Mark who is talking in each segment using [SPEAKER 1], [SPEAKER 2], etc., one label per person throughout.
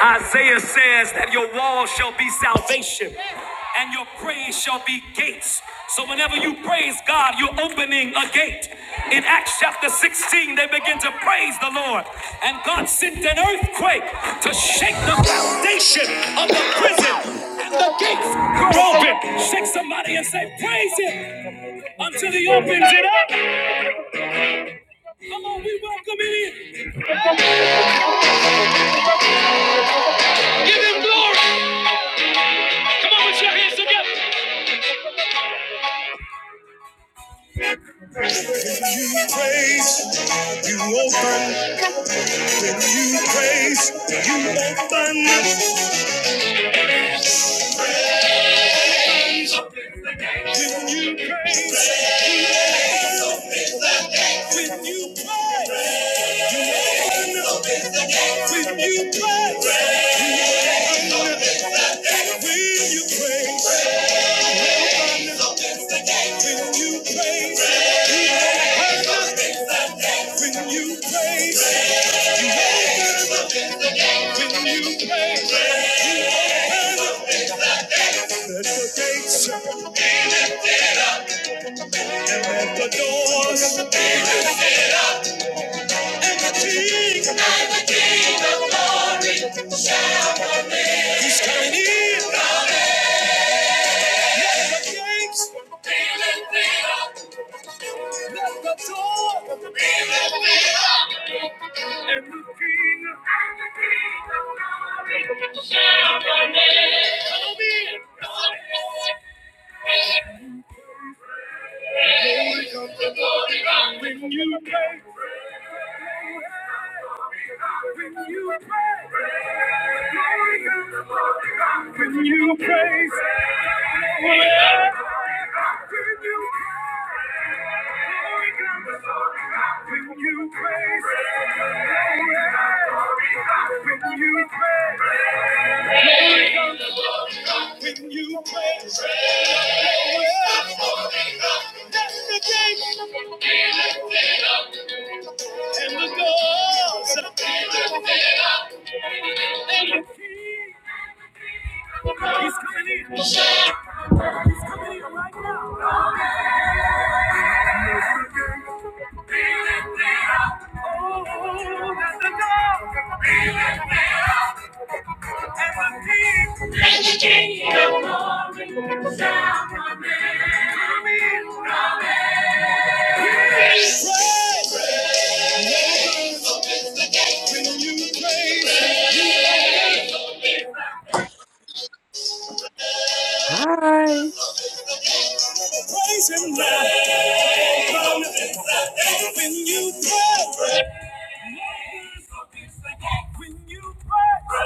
[SPEAKER 1] Isaiah says that your wall shall be salvation and your praise shall be gates. So whenever you praise God, you're opening a gate. In Acts chapter 16, they begin to praise the Lord. And God sent an earthquake to shake the foundation of the prison. And the gates were open. Shake somebody and say, praise him until he opens it up. Oh, we welcome it in. You praise, you open. When you praise, you open. up. When you praise, you open. up. When you praise, you open. up. When you praise, you open. up. When you praise, you open. up. When you praise, you won't hurt. When you praise, you won't hurt. When you praise, you won't Let the gates let the doors Let the gates Let the doors When you pray, when you pray, when you praise, when you pray. when you when you praise, that's the gate and the doors. He's coming in. He's coming in right now. Opens the gate. when you praise?
[SPEAKER 2] Hi.
[SPEAKER 1] Praise him now. When you pray. When you pray, when you pray,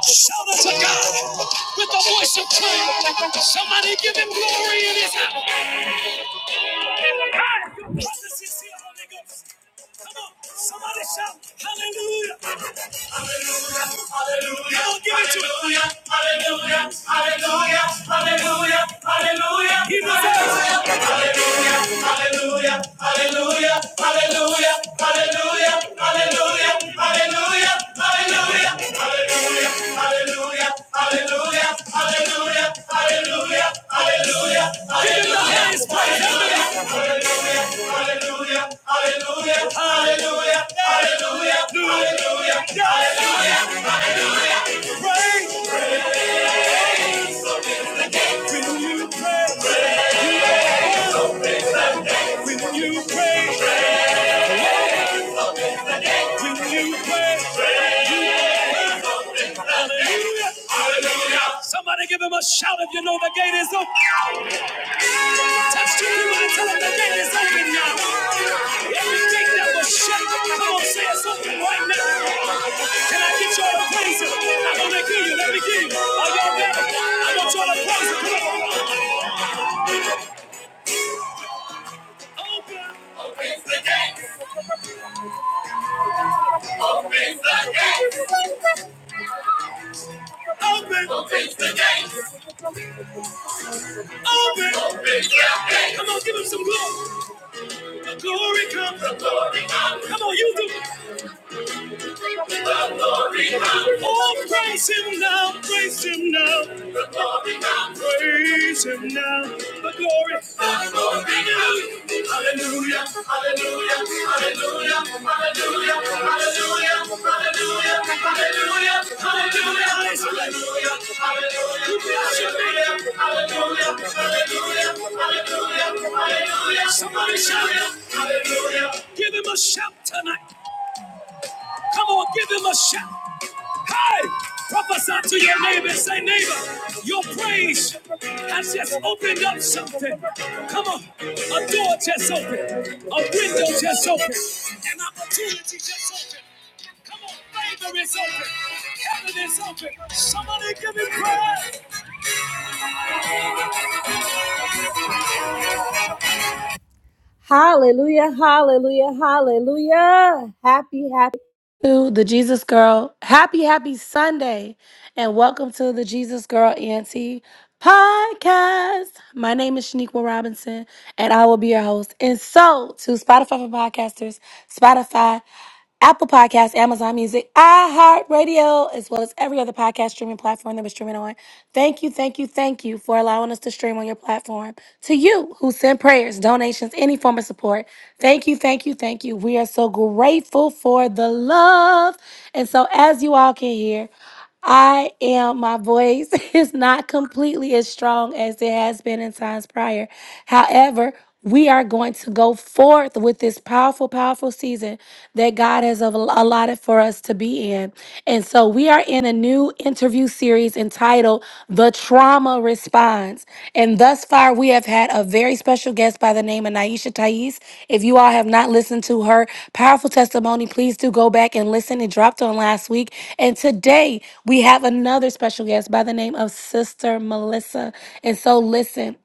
[SPEAKER 1] Shout out to God with the voice of prayer. Give him glory in his Hallelujah, hallelujah. Come on, give it to him. Hallelujah, hallelujah, hallelujah, hallelujah. He's the best. Hallelujah, hallelujah, hallelujah, hallelujah, hallelujah, hallelujah, hallelujah, hallelujah. Opens the gates. Opens the gates. Open. Open. your hands. Come on, give him some glory. The glory comes. The glory comes. Come on, you do. it. The glory now. Oh, praise him now, praise him now. The glory now. Praise him now. The glory. The glory now. Hallelujah, hallelujah, hallelujah, hallelujah, hallelujah, hallelujah, hallelujah, hallelujah, hallelujah, hallelujah. Hallelujah, hallelujah, hallelujah, hallelujah. Somebody shout it. Hallelujah. Give him a shout tonight. Come on, give him a shout. Hey, prophesy to your neighbor and say, neighbor, your praise has just opened up something. Come on, a door just opened, a window just opened, an opportunity just opened. Come on, favor is open, heaven is open. Somebody give him praise. Hallelujah, hallelujah, hallelujah. Happy, happy. to the Jesus Girl. Happy, happy Sunday, and welcome to the Jesus Girl Auntie podcast. My name is Shaniqua Robinson, and I will be your host. And so, to Spotify for podcasters, Spotify, Apple Podcasts, Amazon Music, iHeartRadio, as well as every other podcast streaming platform that we're streaming on. Thank you, thank you, thank you for allowing us to stream on your platform platform. To you who send prayers, donations, any form of support, thank you, thank you, thank you. We are so grateful for the love. And so, as you all can hear, I am, my voice is not completely as strong as it has been in times prior. However, we are going to go forth with this powerful, powerful season that God has al- allotted for us to be in. And so we are in a new interview series entitled The Trauma Response. And thus far, we have had a very special guest by the name of Naisha Thais. If you all have not listened to her powerful testimony, please do go back and listen. It dropped on last week. And today, we have another special guest by the name of Sister Melissa. And so, listen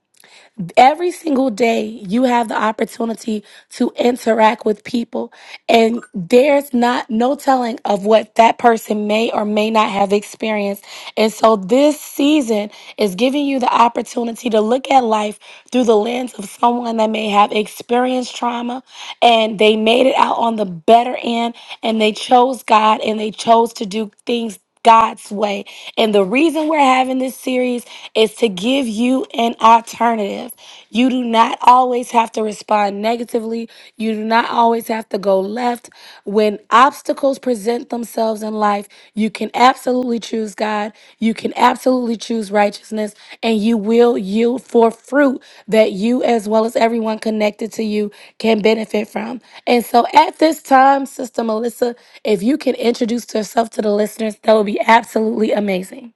[SPEAKER 1] every single day you have the opportunity to interact with people and there's not no telling of what that person may or may not have experienced and so this season is giving you the opportunity to look at life through the lens of someone that may have experienced trauma and they made it out on the better end and they chose god and they chose to do things God's way. And the reason we're having this series is to give you an alternative. You do not always have to respond negatively. You do not always have to go left. When obstacles present themselves in life, you can absolutely choose choose God. You can absolutely choose righteousness, and you will yield for fruit that you, as well as everyone connected to you, can benefit from. And so at this time, Sister Melissa, if you can introduce yourself to the listeners, that would be absolutely amazing.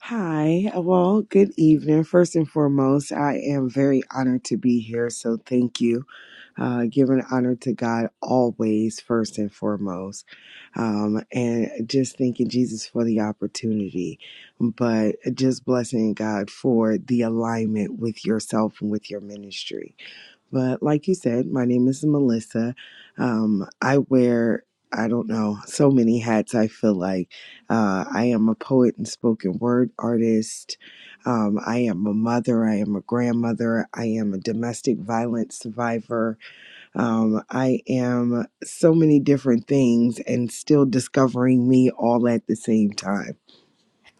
[SPEAKER 2] Hi. Well, good evening. First and foremost, I am very honored to be here. So thank you. Uh, giving honor to God always, first and foremost. Um, and just thanking Jesus for the opportunity, but just blessing God for the alignment with yourself and with your ministry. But like you said, my name is Melissa. Um, I wear, I don't know, so many hats. I feel like uh, I am a poet and spoken word artist. Um, I am a mother. I am a grandmother. I am a domestic violence survivor. Um, I am so many different things and still discovering me all at the same time.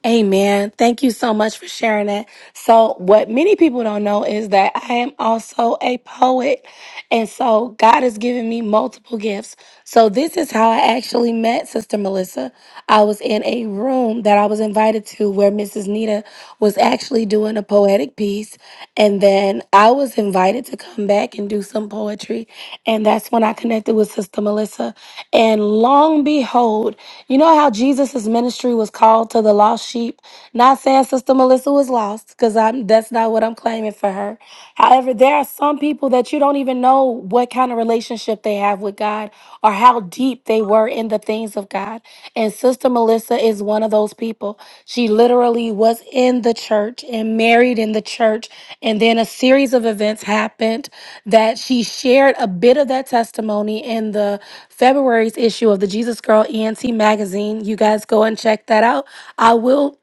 [SPEAKER 1] Amen. Thank you so much for sharing that. So, what many people don't know is that I am also a poet. And so, God has given me multiple gifts. So, this is how I actually met Sister Melissa. I was in a room that I was invited to where Mrs. Nita was actually doing a poetic piece. And then I was was invited to come back and do some poetry. And that's when I connected with Sister Melissa. And long behold, you know how Jesus' ministry was called to the lost sheep? Not saying Sister Melissa was lost, because I'm that's not what I'm claiming for her. However, there are some people that you don't even know what kind of relationship they have with God or how deep they were in the things of God. And Sister Melissa is one of those people. She literally was in the church and married in the church. And then a series of events happened that she shared a bit of that testimony in the February's issue of the Jesus Girl ENT magazine. You guys go and check that out. I will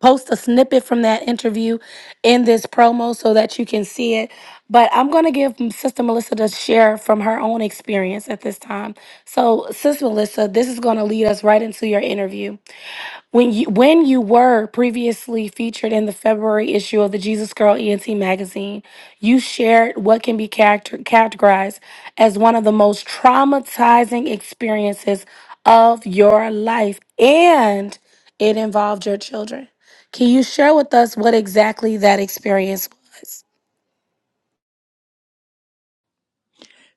[SPEAKER 1] post a snippet from that interview in this promo so that you can see it. But I'm going to give Sister Melissa to share from her own experience at this time. So, Sister Melissa, this is going to lead us right into your interview. When you when you were previously featured in the February issue of the Jesus Girl ENT magazine, you shared what can be character, categorized as one of the most traumatizing experiences of your life, and it involved your children. Can you share with us what exactly that experience was?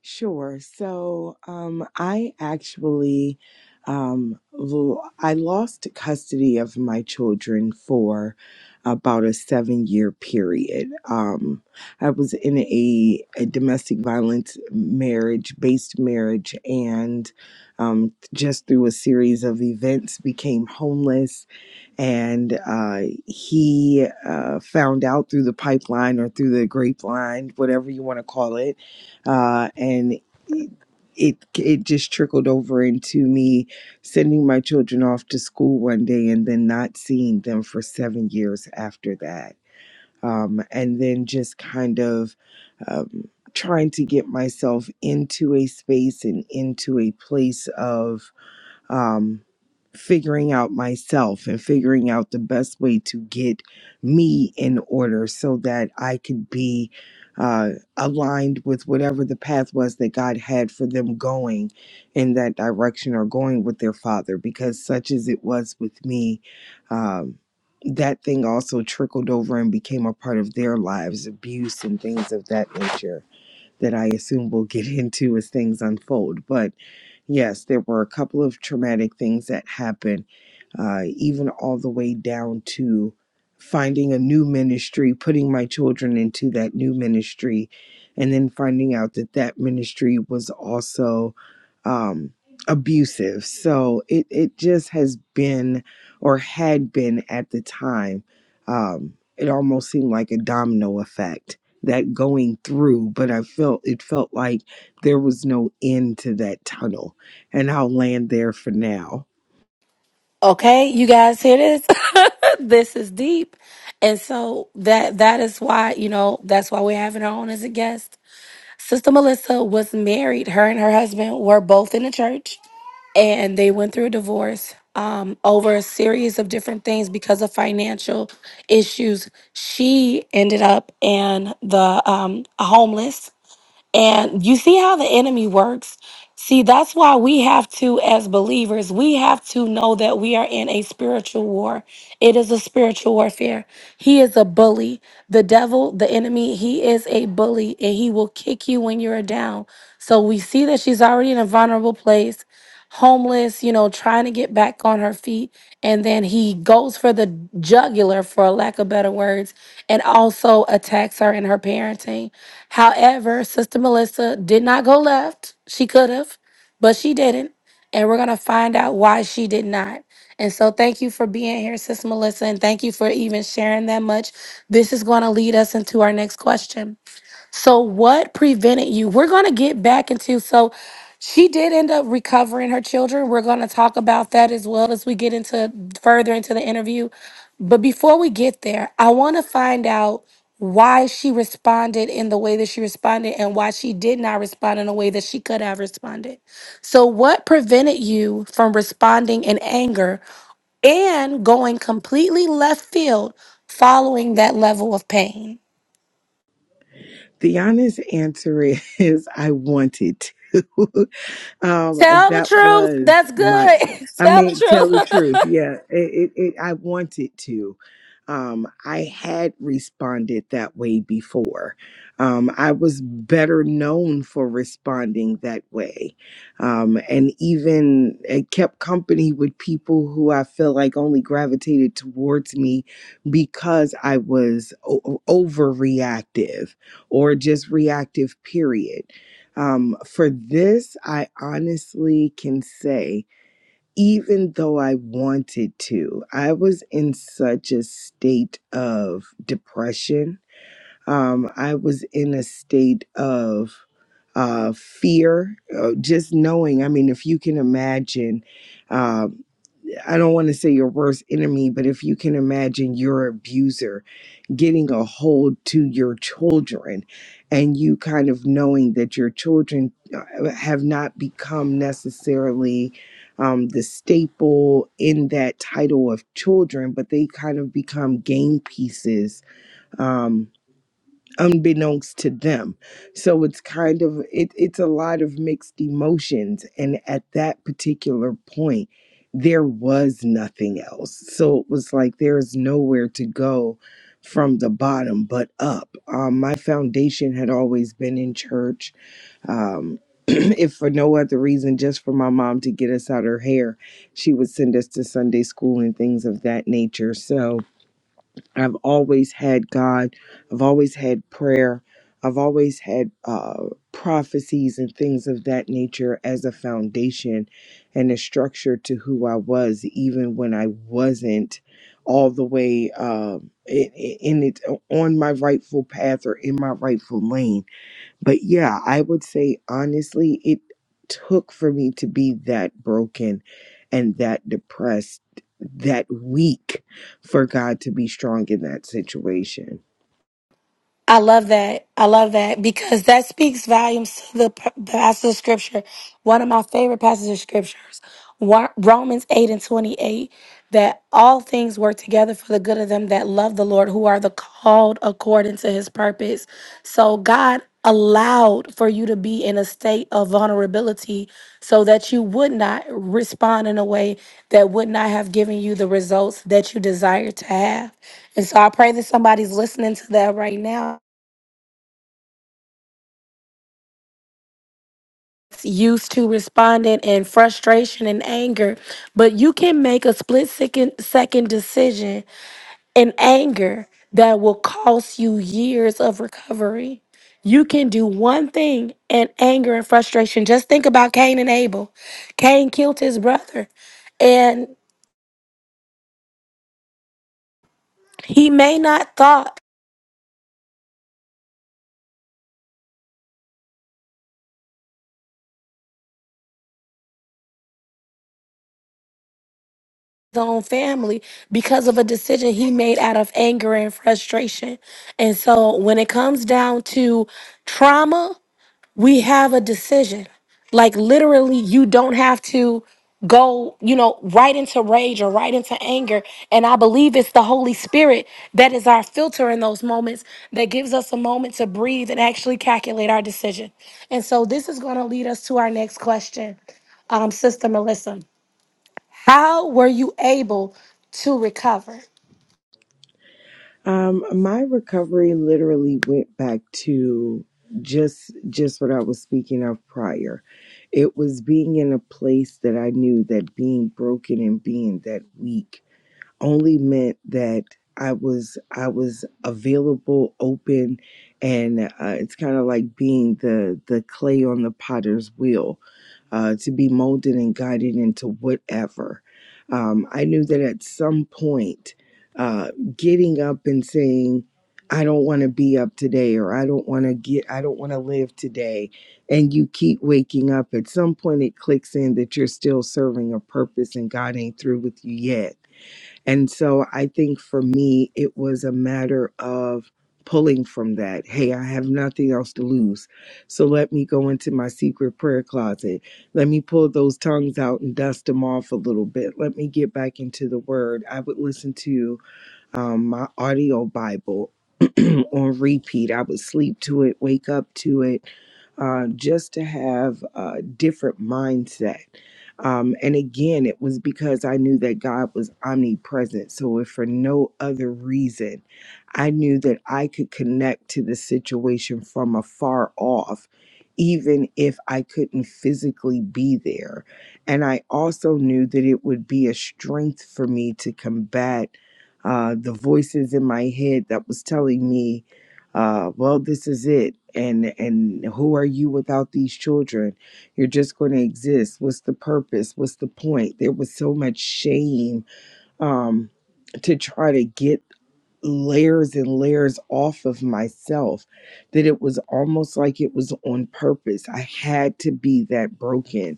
[SPEAKER 2] Sure. So, um, I actually, um, lo- I lost custody of my children for about a seven year period. Um, I was in a, a domestic violence marriage based marriage and, um, just through a series of events became homeless and uh, he uh, found out through the pipeline or through the grapevine, whatever you want to call it, uh, and it it it just trickled over into me sending my children off to school one day and then not seeing them for seven years after that, um, and then just kind of. Um, trying to get myself into a space and into a place of um, figuring out myself and figuring out the best way to get me in order so that I could be uh, aligned with whatever the path was that God had for them going in that direction or going with their father, because such as it was with me. Um, that thing also trickled over and became a part of their lives, abuse and things of that nature that I assume we'll get into as things unfold. But yes, there were a couple of traumatic things that happened, uh, even all the way down to finding a new ministry, putting my children into that new ministry, and then finding out that that ministry was also um, abusive. So it, it just has been, or had been at the time, um, it almost seemed like a domino effect that going through but i felt it felt like there was no end to that tunnel and I'll land there for now.
[SPEAKER 1] Okay, you guys hear this? this is deep. And so that that is why, you know, that's why we're having her on as a guest Sister Melissa was married. Her and her husband were both in the church, and they went through a divorce um, over a series of different things because of financial issues. She ended up in the um, homeless. And you see how the enemy works? See, that's why we have to, as believers, we have to know that we are in a spiritual war. It is a spiritual warfare. He is a bully. The devil, the enemy, he is a bully and he will kick you when you are down. So we see that she's already in a vulnerable place homeless, you know, trying to get back on her feet. And then he goes for the jugular, for lack of better words, and also attacks her in her parenting. However, Sister Melissa did not go left. She could have, but she didn't. And we're going to find out why she did not. And so, thank you for being here, Sister Melissa, and thank you for even sharing that much. This is going to lead us into our next question. So what prevented you? We're going to get back into so she did end up recovering her children. We're going to talk about that as well as we get into further into the interview. But before we get there, I want to find out why she responded in the way that she responded and why she did not respond in a way that she could have responded. So what prevented you from responding in anger and going completely left field following that level of pain?
[SPEAKER 2] The honest answer is I wanted to. Um,
[SPEAKER 1] Tell the
[SPEAKER 2] that
[SPEAKER 1] truth.
[SPEAKER 2] was
[SPEAKER 1] That's
[SPEAKER 2] my.
[SPEAKER 1] good.
[SPEAKER 2] I
[SPEAKER 1] Tell the
[SPEAKER 2] mean, tell the
[SPEAKER 1] truth.
[SPEAKER 2] truth. Yeah, it, it, it I wanted to. Um, I had responded that way before. Um, I was better known for responding that way, um, and even it kept company with people who I feel like only gravitated towards me because I was o- overreactive or just reactive. Period um, for this, I honestly can say, even though I wanted to, I was in such a state of depression. Um, I was in a state of uh, fear, uh, just knowing. I mean, if you can imagine, um, I don't want to say your worst enemy, but if you can imagine your abuser getting a hold to your children and you kind of knowing that your children uh, have not become necessarily um, the staple in that title of children, but they kind of become game pieces um, unbeknownst to them. So it's kind of it, it's a lot of mixed emotions. And at that particular point, there was nothing else. So it was like there's nowhere to go from the bottom but up. Um, my foundation had always been in church. Um, if for no other reason, just for my mom to get us out her hair, she would send us to Sunday school and things of that nature. So I've always had God. I've always had prayer. I've always had uh, prophecies and things of that nature as a foundation and a structure to who I was, even when I wasn't all the way uh, in, in it on my rightful path or in my rightful lane but yeah, I would say honestly, it took for me to be that broken and that depressed, that weak for God to be strong in that situation.
[SPEAKER 1] I love that. I love that because that speaks volumes to the p- passage of scripture. One of my favorite passages of scriptures, Wa- Romans 8 and 28, that all things work together for the good of them that love the Lord, who are the called according to his purpose. So, God. allowed for you to be in a state of vulnerability so that you would not respond in a way that would not have given you the results that you desire to have. And so I pray that somebody's listening to that right now. Used to responding in frustration and anger, but you can make a split second, second decision and anger that will cost you years of recovery. You can do one thing and anger and frustration. Just think about Cain and Abel. Cain killed his brother, and he may not thought his own family because of a decision he made out of anger and frustration. And so when it comes down to trauma, we have a decision. Like literally, you don't have to go, you know, right into rage or right into anger. And I believe it's the Holy Spirit that is our filter in those moments that gives us a moment to breathe and actually calculate our decision. And so this is going to lead us to our next question. Um, Sister Melissa, how were you able to recover?
[SPEAKER 2] Um, my recovery literally went back to just just what I was speaking of prior. It was being in a place that I knew that being broken and being that weak only meant that I was I was available, open, and uh, it's kind of like being the the clay on the potter's wheel uh, to be molded and guided into whatever. Um, I knew that at some point, uh, getting up and saying, "I don't want to be up today," or "I don't want to get," "I don't want to live today," and you keep waking up. At some point, it clicks in that you're still serving a purpose, and God ain't through with you yet and so I think for me, it was a matter of pulling from that. Hey, I have nothing else to lose. So let me go into my secret prayer closet. Let me pull those tongues out and dust them off a little bit. Let me get back into the word. I would listen to um, my audio Bible um, on repeat. I would sleep to it, wake up to it, uh, just to have a different mindset. Um, and again, it was because I knew that God was omnipresent. So, if for no other reason, I knew that I could connect to the situation from afar off, even if I couldn't physically be there. And I also knew that it would be a strength for me to combat uh, the voices in my head that was telling me, uh, "Well, this is it." And and who are you without these children? You're just going to exist. What's the purpose? What's the point? There was so much shame um, to try to get layers and layers off of myself that it was almost like it was on purpose. I had to be that broken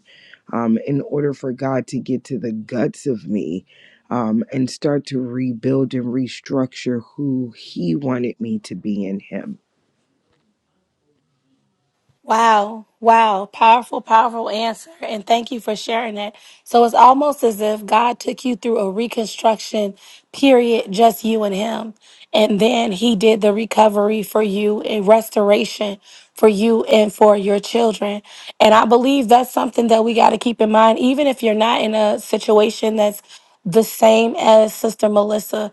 [SPEAKER 2] um, in order for God to get to the guts of me um, and start to rebuild and restructure who He wanted me to be in Him.
[SPEAKER 1] Wow, wow, powerful, powerful answer. And thank you for sharing that. So it's almost as if God took you through a reconstruction period, just you and Him. And then He did the recovery for you and restoration for you and for your children. And I believe that's something that we got to keep in mind, even if you're not in a situation that's the same as Sister Melissa.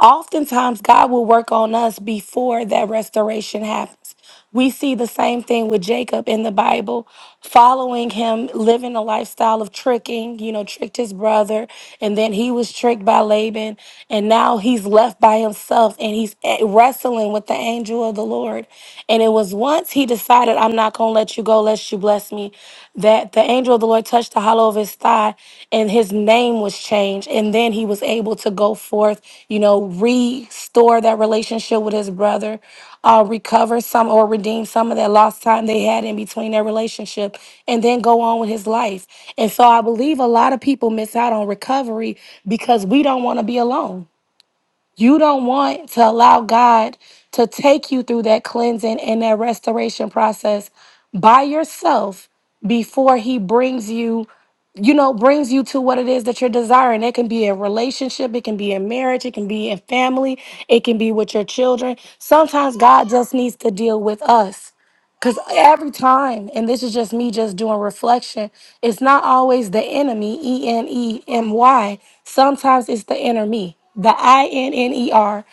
[SPEAKER 1] Oftentimes, God will work on us before that restoration happens. We see the same thing with Jacob in the Bible, following him, living a lifestyle of tricking, you know, tricked his brother, and then he was tricked by Laban, and now he's left by himself and he's eh, wrestling with the angel of the Lord. And it was once he decided, I'm not going to let you go, lest you." you blessed me, that the angel of the Lord touched the hollow of his thigh and his name was changed. And then he was able to go forth, you know, restore that relationship with his brother, uh, recover some or redeem some of that lost time they had in between their relationship, and then go on with his life. And so I believe a lot of people miss out on recovery because we don't want to be alone. You don't want to allow God to take you through that cleansing and that restoration process by yourself before He brings you, you know, brings you to what it is that you're desiring. It can be a relationship, it can be in marriage, it can be in family, it can be with your children. Sometimes God just needs to deal with us because every time, and this is just me just doing reflection, it's not always the enemy, E N E M Y. Sometimes it's the inner me, the I N N E R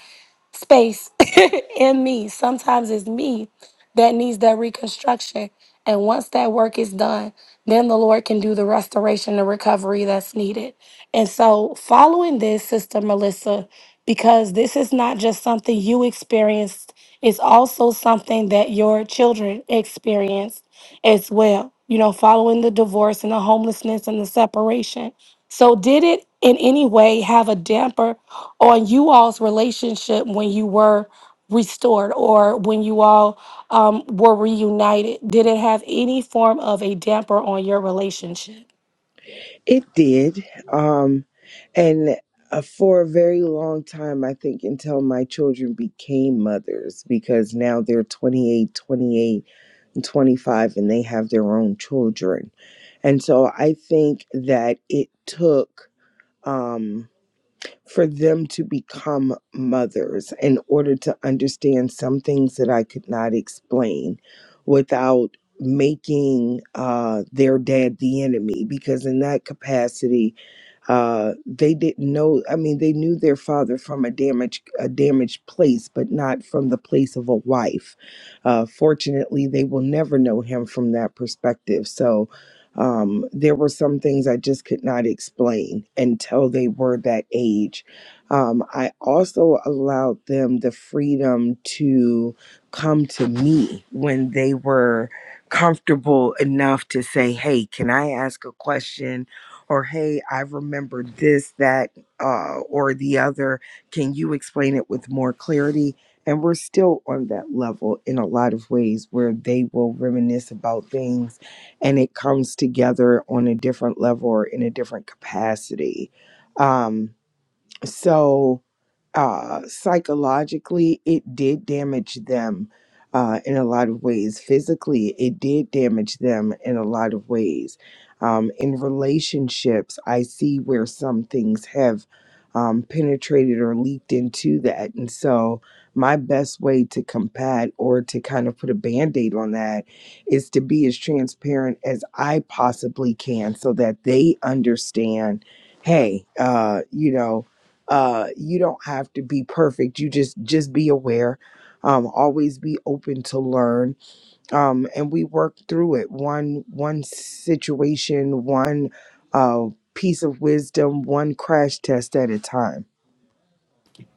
[SPEAKER 1] space in me. Sometimes it's me that needs that reconstruction. And once that work is done, then the Lord can do the restoration and recovery that's needed. And so, following this, Sister Melissa, because this is not just something you experienced, it's also something that your children experienced as well, you know, following the divorce and the homelessness and the separation. So, did it in any way have a damper on you all's relationship when you were restored or when you all um, were reunited? Did it have any form of a damper on your relationship?
[SPEAKER 2] It did. Um, and uh, for a very long time, I think until my children became mothers, because now they're 28. 25 and they have their own children. And so I think that it took um, for them to become mothers in order to understand some things that I could not explain without making uh, their dad the enemy, because in that capacity, uh, they didn't know i mean they knew their father from a damaged a damaged place but not from the place of a wife uh, fortunately they will never know him from that perspective so um, there were some things i just could not explain until they were that age um, i also allowed them the freedom to come to me when they were comfortable enough to say hey can i ask a question or hey, I remember this, that, uh, or the other. Can you explain it with more clarity? And we're still on that level in a lot of ways where they will reminisce about things and it comes together on a different level or in a different capacity. Um, so uh, psychologically it did damage them uh, in a lot of ways physically it did damage them in a lot of ways um, in relationships i see where some things have um, penetrated or leaked into that and so my best way to combat or to kind of put a band-aid on that is to be as transparent as i possibly can so that they understand hey uh, you know uh you don't have to be perfect you just just be aware um always be open to learn um and we work through it one one situation one uh piece of wisdom one crash test at a time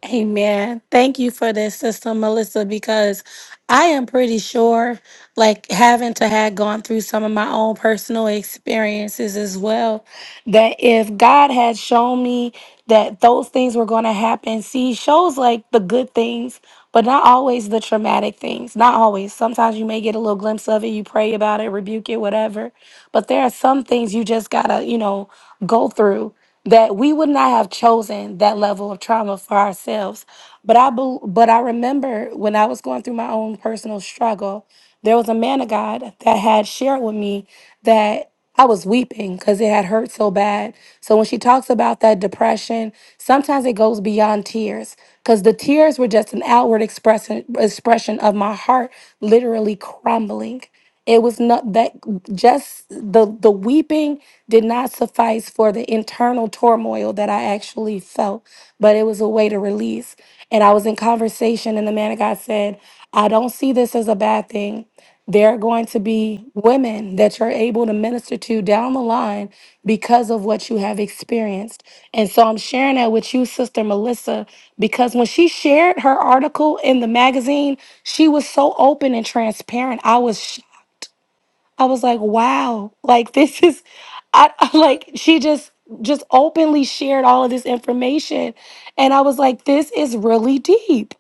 [SPEAKER 1] Amen. Thank you for this, Sister Melissa, because I am pretty sure, like having to have gone through some of my own personal experiences as well, that if God had shown me that those things were going to happen, see, He shows like the good things, but not always the traumatic things. Not always. Sometimes you may get a little glimpse of it, you pray about it, rebuke it, whatever. But there are some things you just got to, you know, go through that we would not have chosen that level of trauma for ourselves. But I bel but I remember when I was going through my own personal struggle, there was a man of God that had shared with me that I was weeping because it had hurt so bad. So when she talks about that depression, sometimes it goes beyond tears because the tears were just an outward expression expression of my heart literally crumbling. It was not that just the the weeping did not suffice for the internal turmoil that I actually felt, but it was a way to release. And I was in conversation, and the man of God said, "I don't see this as a bad thing. There are going to be women that you're able to minister to down the line because of what you have experienced." And so I'm sharing that with you, Sister Melissa, because when she shared her article in the magazine, she was so open and transparent. I was I was like, wow, like this is, I like she just just openly shared all of this information, and I was like, this is really deep.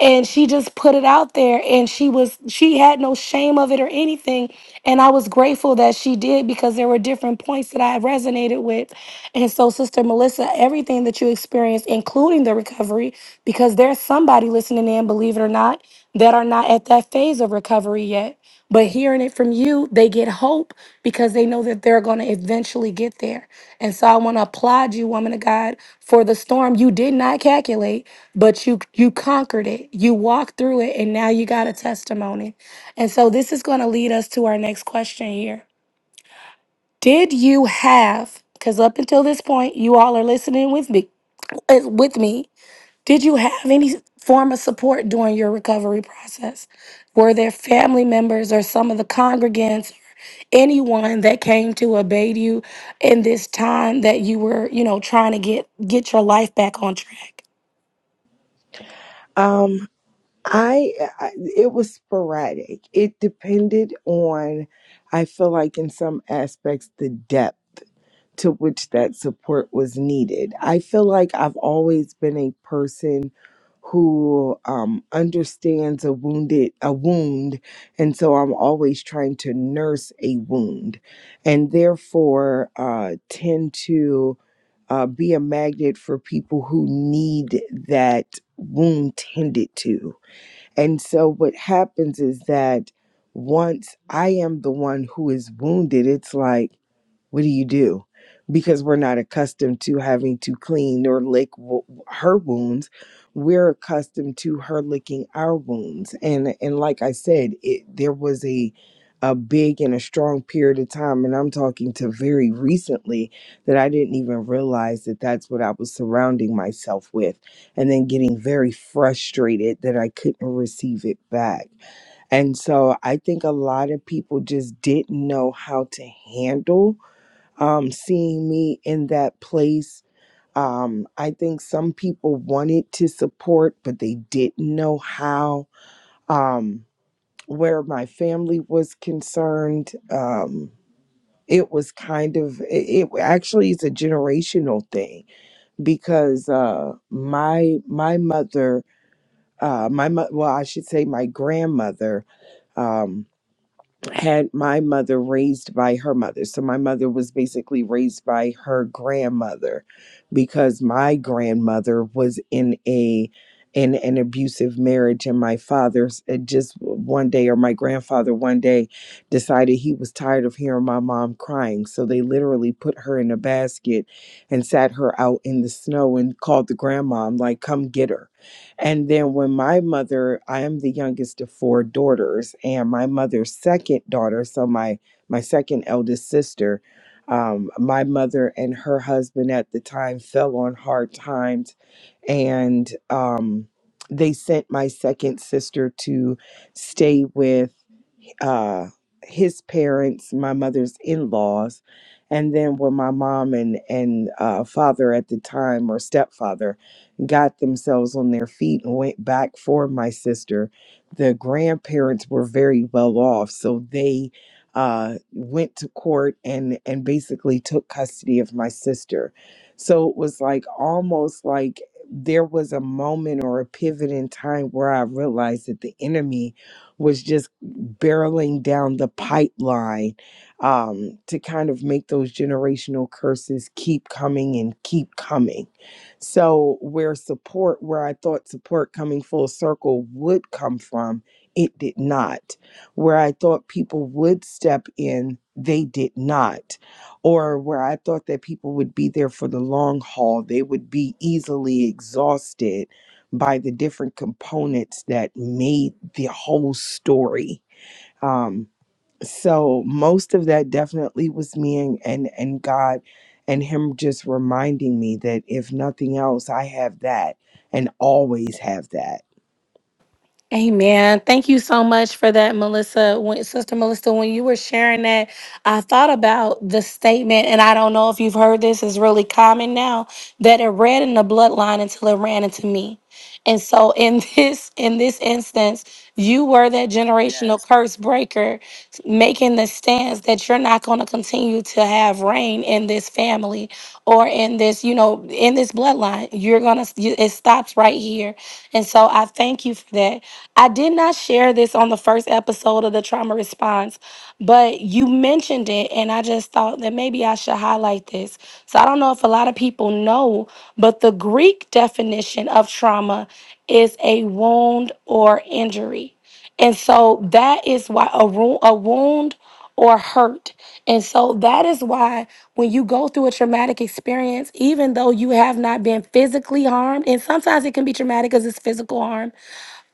[SPEAKER 1] And she just put it out there, and she was she had no shame of it or anything, and I was grateful that she did because there were different points that I resonated with, and so Sister Melissa, everything that you experienced, including the recovery, because there's somebody listening in, believe it or not, that are not at that phase of recovery yet. But hearing it from you, they get hope because they know that they're going to eventually get there. And so I want to applaud you, woman of God, for the storm you did not calculate, but you you conquered it. You walked through it and now you got a testimony. And so this is going to lead us to our next question here. Did you have cuz up until this point you all are listening with me with me did you have any form of support during your recovery process? Were there family members or some of the congregants or anyone that came to abate you in this time that you were, you know, trying to get get your life back on track?
[SPEAKER 2] um I, I it was sporadic it depended on i feel like in some aspects the depth to which that support was needed. I feel like I've always been a person who um, understands a wounded a wound, and so I'm always trying to nurse a wound, and therefore uh, tend to uh, be a magnet for people who need that wound tended to. And so what happens is that once I am the one who is wounded, it's like what do you do? Because we're not accustomed to having to clean or lick w- her wounds. We're accustomed to her licking our wounds. And and like I said, it there was a a big and a strong period of time, and I'm talking to very recently that I didn't even realize that that's what I was surrounding myself with, and then getting very frustrated that I couldn't receive it back. And so I think a lot of people just didn't know how to handle um, seeing me in that place. Um, I think some people wanted to support, but they didn't know how. Um, where my family was concerned, um, it was kind of it, it actually is a generational thing because uh, my my mother, uh, my mo- well, I should say my grandmother. Um, had my mother raised by her mother. So my mother was basically raised by her grandmother because my grandmother was in a in an abusive marriage and my father's it just one day or my grandfather one day decided he was tired of hearing my mom crying so they literally put her in a basket and sat her out in the snow and called the grandma I'm like come get her and then when my mother, I am the youngest of four daughters, and my mother's second daughter, so my my second eldest sister, um, my mother and her husband at the time fell on hard times, and um, they sent my second sister to stay with uh, his parents, my mother's in laws, and then when my mom and and uh, father at the time or stepfather got themselves on their feet and went back for my sister, the grandparents were very well off, so they uh, went to court and and basically took custody of my sister. So it was like almost like there was a moment or a pivot in time where I realized that the enemy was just barreling down the pipeline um, to kind of make those generational curses keep coming and keep coming. So, where support, where I thought support coming full circle would come from, it did not. Where I thought people would step in, they did not. Or where I thought that people would be there for the long haul, they would be easily exhausted by the different components that made the whole story um so most of that definitely was me and and, and god and him just reminding me that if nothing else i have that and always have that
[SPEAKER 1] Amen. Thank you so much for that, Melissa. When, Sister Melissa, when you were sharing that, I thought about the statement, and I don't know if you've heard this, is really common now, that it ran in the bloodline until it ran into me. And so in this in this instance, you were that generational Yes. curse breaker, making the stance that you're not going to continue to have reign in this family or in this, you know, in this bloodline. You're going to, it stops right here. And so I thank you for that. I did not share this on the first episode of the trauma response, but you mentioned it. And I just thought that maybe I should highlight this. So I don't know if a lot of people know, but the Greek definition of trauma is a wound or injury. And so that is why a, ru- a wound or hurt. And so that is why when you go through a traumatic experience, even though you have not been physically harmed, and sometimes it can be traumatic because it's physical harm,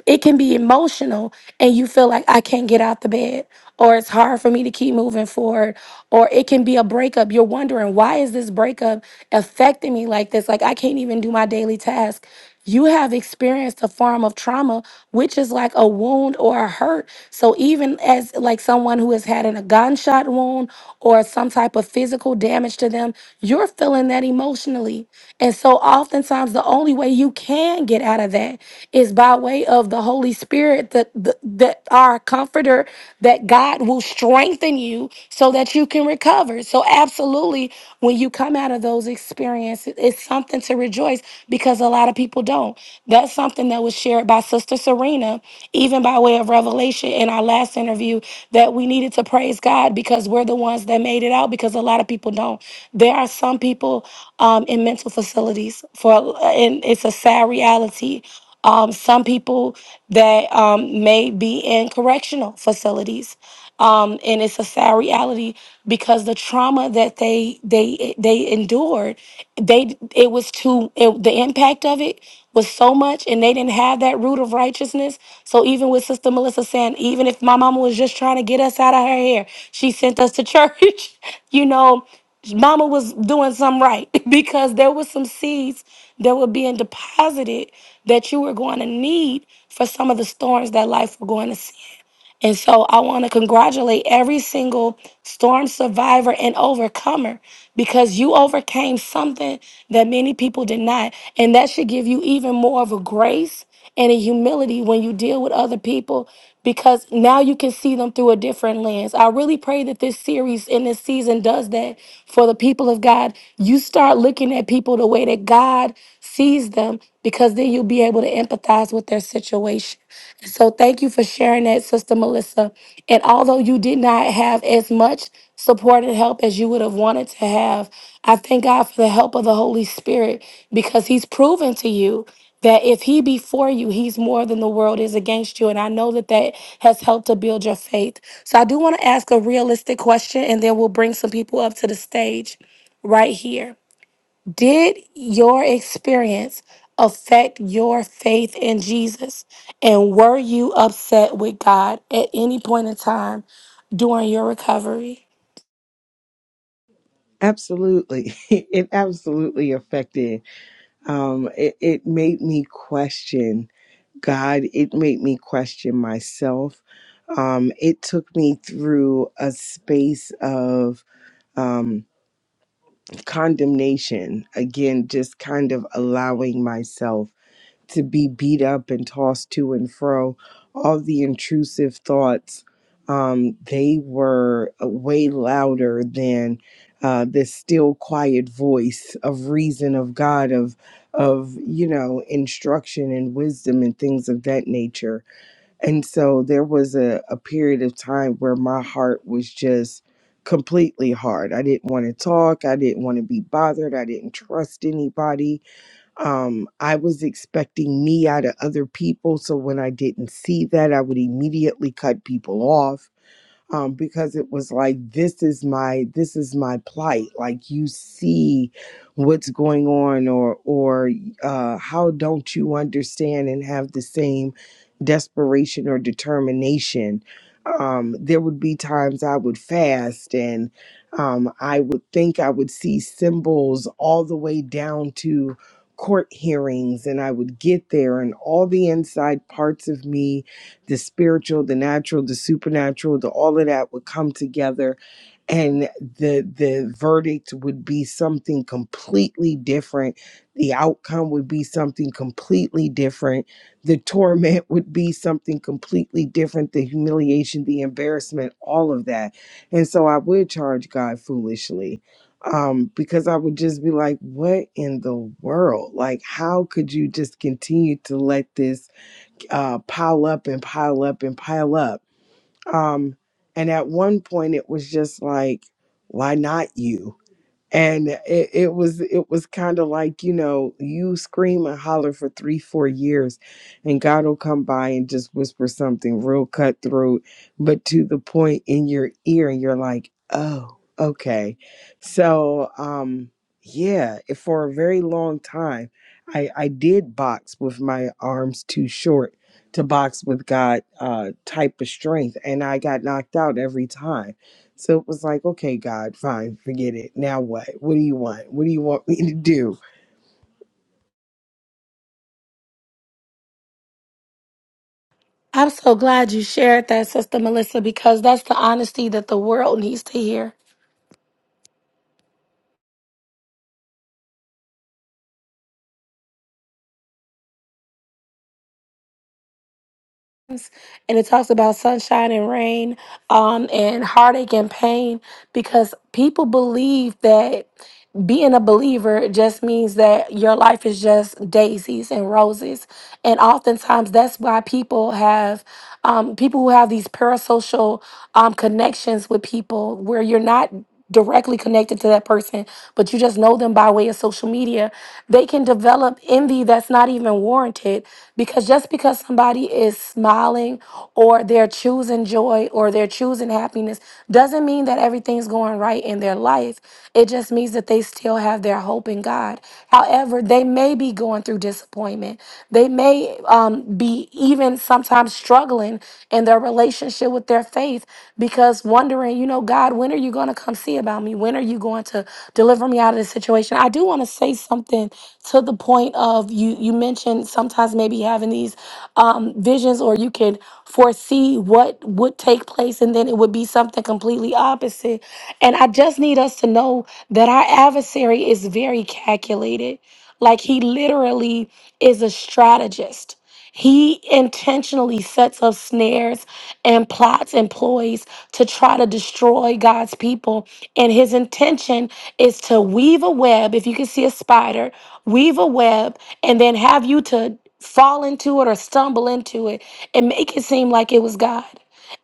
[SPEAKER 1] it can be emotional and you feel like I can't get out the bed or it's hard for me to keep moving forward or it can be a breakup you're wondering why is this breakup affecting me like this like I can't even do my daily task you have experienced a form of trauma which is like a wound or a hurt so even as like someone who has had an, a gunshot wound or some type of physical damage to them to them, you're feeling that emotionally. And so oftentimes the only way you can get out of that is by way of the Holy Spirit, that the, that our comforter, that God will strengthen you so that you can recover. So absolutely, when you come out of those experiences, it's something to rejoice because a lot of people don't. That's something that was shared by Sister Serena even by way of revelation in our last interview, that we needed to praise God because we're the ones that made it out because a lot of people don't. There are some people um, in mental facilities for, and it's a sad reality. Um, some people that um, may be in correctional facilities um, and it's a sad reality because the trauma that they they they endured, they it was too it, the impact of it was so much, and they didn't have that root of righteousness. So even with Sister Melissa saying, even if my mama was just trying to get us out of her hair, she sent us to church, you know. Mama was doing something right because there was some seeds that were being deposited that you were going to need for some of the storms that life were going to see. And so I want to congratulate every single storm survivor and overcomer because you overcame something that many people did not. And that should give you even more of a grace and a humility when you deal with other people because now you can see them through a different lens. I really pray that this series in this season does that for the people of God. You start looking at people the way that God sees them because then you'll be able to empathize with their situation. And So thank you for sharing that, Sister Melissa. And although you did not have as much support and help as you would have wanted to have, I thank God for the help of the Holy Spirit because He's proven to you that if He be for you, He's more than the world is against you. And I know that that has helped to build your faith. So I do want to ask a realistic question and then we'll bring some people up to the stage right here. Did your experience affect your faith in Jesus? And were you upset with God at any point in time during your recovery?
[SPEAKER 2] absolutely it absolutely affected um it, it made me question god it made me question myself um it took me through a space of um condemnation again just kind of allowing myself to be beat up and tossed to and fro, all the intrusive thoughts, um, they were uh, way louder than uh, this still quiet voice of reason of God of of you know instruction and wisdom and things of that nature. And so there was a, a period of time where my heart was just completely hard. I didn't want to talk. I didn't want to be bothered. I didn't trust anybody um, I was expecting me out of other people. So when I didn't see that, I would immediately cut people off um, because it was like this is my this is my plight like you see what's going on or or uh, how don't you understand and have the same desperation or determination um, there would be times i would fast and um, i would think i would see symbols all the way down to court hearings and i would get there and all the inside parts of me the spiritual, the natural, the supernatural, the all of that would come together and the the verdict would be something completely different the outcome would be something completely different the torment would be something completely different the humiliation the embarrassment all of that and so i would charge god foolishly um because i would just be like what in the world like how could you just continue to let this uh, pile up and pile up and pile up. Um, and at one point, it was just like, why not you? and it, it was it was kind of like you know you scream and holler for three four years and god will come by and just whisper something real cutthroat but to the point in your ear and you're like oh okay so um yeah it- for a very long time i i did box with my arms too short to box with god uh type of strength and i got knocked out every time so it was like, okay, God, fine, forget it. Now what? What do you want? What do you want me to do?
[SPEAKER 1] I'm so glad you shared that, Sister Melissa, because that's the honesty that the world needs to hear. and it talks about sunshine and rain um, and heartache and pain because people believe that being a believer just means that your life is just daisies and roses and oftentimes that's why people have um, people who have these parasocial um, connections with people where you're not directly connected to that person, but you just know them by way of social media, they can develop envy that's not even warranted because just because somebody is smiling or they're choosing joy or they're choosing happiness doesn't mean that everything's going right in their life. It just means that they still have their hope in God. However, they may be going through disappointment. They may um, be even sometimes struggling in their relationship with their faith because wondering, you know, God, when are you going to come see about me? When are you going to deliver me out of this situation? I do want to say something to the point of you. You mentioned sometimes maybe having these um, visions, or you can foresee what would take place, and then it would be something completely opposite. And I just need us to know that our adversary is very calculated. Like he literally is a strategist. He intentionally sets up snares and plots and ploys to try to destroy God's people. And his intention is to weave a web, if you can see a spider, weave a web, and then have you to fall into it or stumble into it and make it seem like it was God.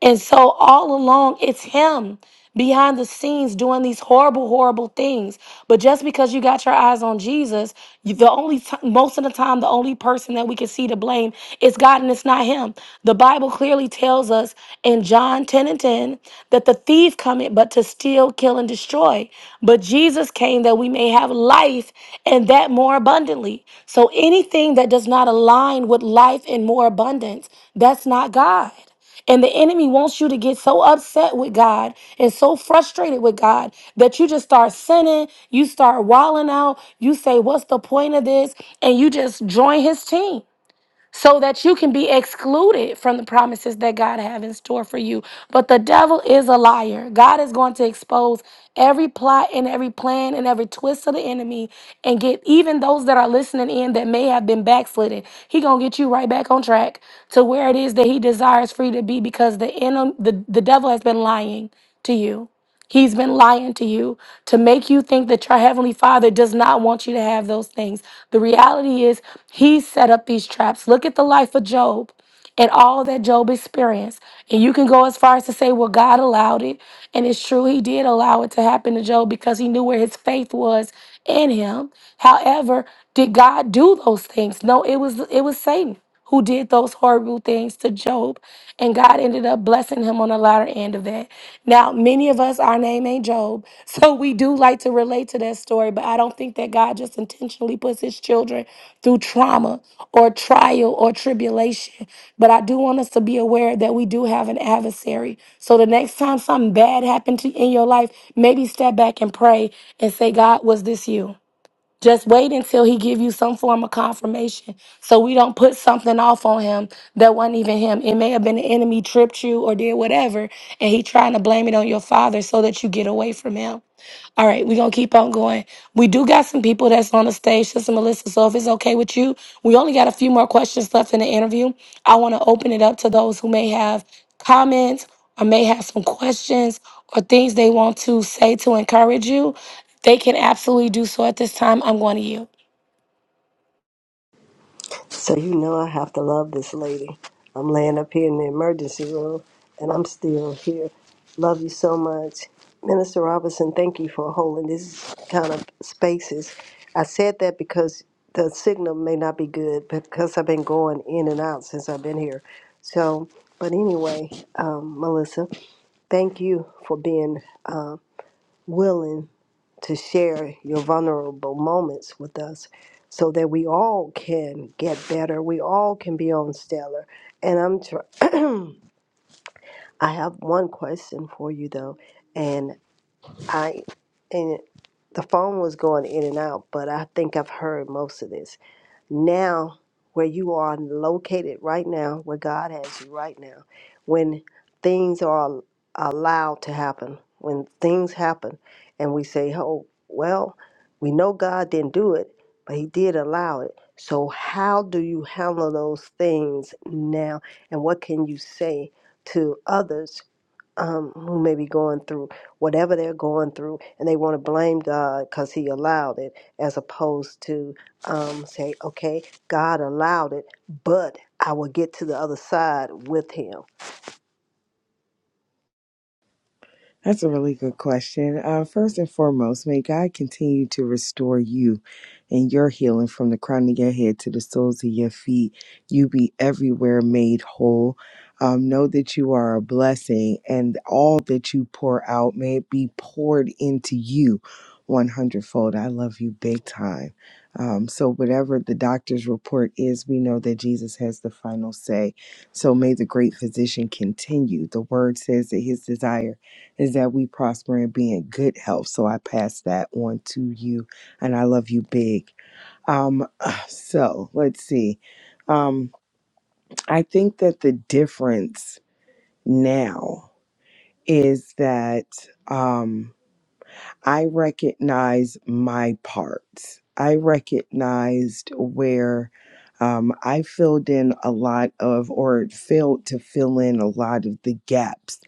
[SPEAKER 1] And so all along, it's him behind the scenes doing these horrible, horrible things. But just because you got your eyes on Jesus, you, the only ti- most of the time, the only person that we can see to blame is God, and it's not him. The Bible clearly tells us in John 10 and 10 that the thief cometh but to steal, kill, and destroy. But Jesus came that we may have life and that more abundantly. So anything that does not align with life and more abundance, that's not God. And the enemy wants you to get so upset with God and so frustrated with God that you just start sinning, you start wilding out, you say, What's the point of this? And you just join his team so that you can be excluded from the promises that God have in store for you. But the devil is a liar. God is going to expose every plot and every plan and every twist of the enemy and get even those that are listening in that may have been backslidden. He going to get you right back on track to where it is that he desires for you to be because the enemy the, the devil has been lying to you. He's been lying to you to make you think that your heavenly father does not want you to have those things. The reality is, he set up these traps. Look at the life of Job and all that Job experienced. And you can go as far as to say, well, God allowed it. And it's true, he did allow it to happen to Job because he knew where his faith was in him. However, did God do those things? No, it was it was Satan who did those horrible things to Job, and God ended up blessing him on the latter end of that. Now, many of us, our name ain't Job, so we do like to relate to that story, but I don't think that God just intentionally puts his children through trauma or trial or tribulation. But I do want us to be aware that we do have an adversary. So the next time something bad happened to in your life, maybe step back and pray and say, God, was this you? Just wait until he give you some form of confirmation. So we don't put something off on him that wasn't even him. It may have been the enemy tripped you or did whatever, and he trying to blame it on your father so that you get away from him. All right, we're gonna keep on going. We do got some people that's on the stage, Sister Melissa. So if it's okay with you, we only got a few more questions left in the interview. I wanna open it up to those who may have comments or may have some questions or things they want to say to encourage you. They can absolutely do so at this time. I'm going to you.
[SPEAKER 3] So you know I have to love this lady. I'm laying up here in the emergency room and I'm still here. Love you so much. Minister Robinson, thank you for holding these kind of spaces. I said that because the signal may not be good because I've been going in and out since I've been here. So, but anyway, um, Melissa, thank you for being um, willing to share your vulnerable moments with us so that we all can get better. We all can be on stellar. And I'm tr- I have one question for you though. And I and the phone was going in and out, but I think I've heard most of this now where you are located right now, where God has you right now, when things are allowed to happen, when things happen, and we say, oh, well, we know God didn't do it, but He did allow it. So, how do you handle those things now? And what can you say to others um, who may be going through whatever they're going through, and they want to blame God because He allowed it, as opposed to um, say, okay, God allowed it, but I will get to the other side with Him.
[SPEAKER 2] That's a really good question. Uh, first and foremost, may God continue to restore you and your healing from the crown of your head to the soles of your feet. You be everywhere made whole. Um, know that you are a blessing, and all that you pour out may it be poured into you one hundredfold. I love you big time. Um, so, whatever the doctor's report is, we know that Jesus has the final say. So, may the great physician continue. The word says that his desire is that we prosper and be in good health. So I pass that on to you, and I love you big. Um, so let's see. Um, I think that the difference now is that. Um, I recognize my parts. I recognized where um, I filled in a lot of, or failed to fill in a lot of the gaps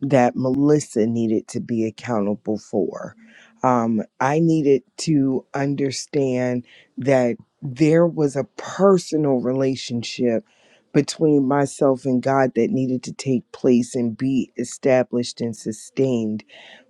[SPEAKER 2] that Melissa needed to be accountable for. Um, I needed to understand that there was a personal relationship between myself and God that needed to take place and be established and sustained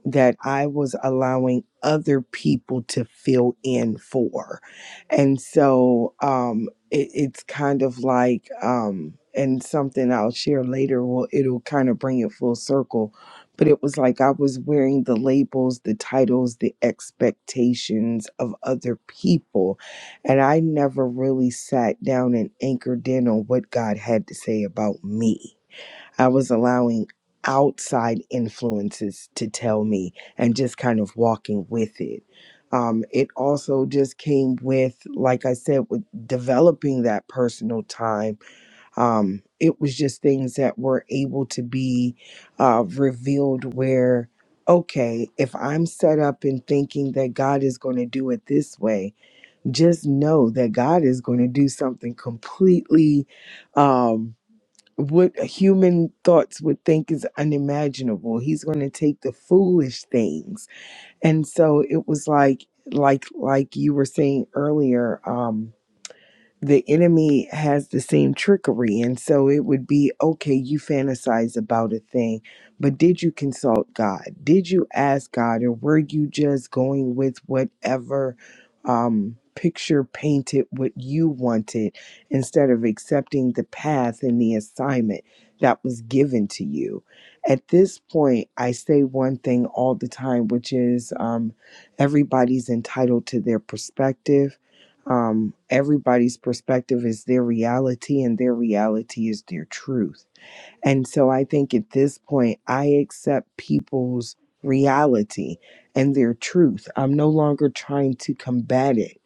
[SPEAKER 2] that I was allowing other people to fill in for. And so um, it, it's kind of like, um, and something I'll share later, well, it'll kind of bring it full circle. But it was like I was wearing the labels, the titles, the expectations of other people. And I never really sat down and anchored in on what God had to say about me I was allowing outside influences to tell me and just kind of walking with it. Um, it also just came with, like I said, with developing that personal time. Um, it was just things that were able to be uh, revealed where, okay, if I'm set up in thinking that God is going to do it this way, just know that God is going to do something completely. Um, what human thoughts would think is unimaginable. He's going to take the foolish things. And so it was like like like you were saying earlier um the enemy has the same trickery. And so it would be okay, you fantasize about a thing, but did you consult God? Did you ask God? Or were you just going with whatever um, picture painted what you wanted instead of accepting the path and the assignment that was given to you? At this point, I say one thing all the time, which is um, everybody's entitled to their perspective um, everybody's perspective is their reality and their reality is their truth. And so I think at this point, I accept people's reality and their truth. I'm no longer trying to combat it.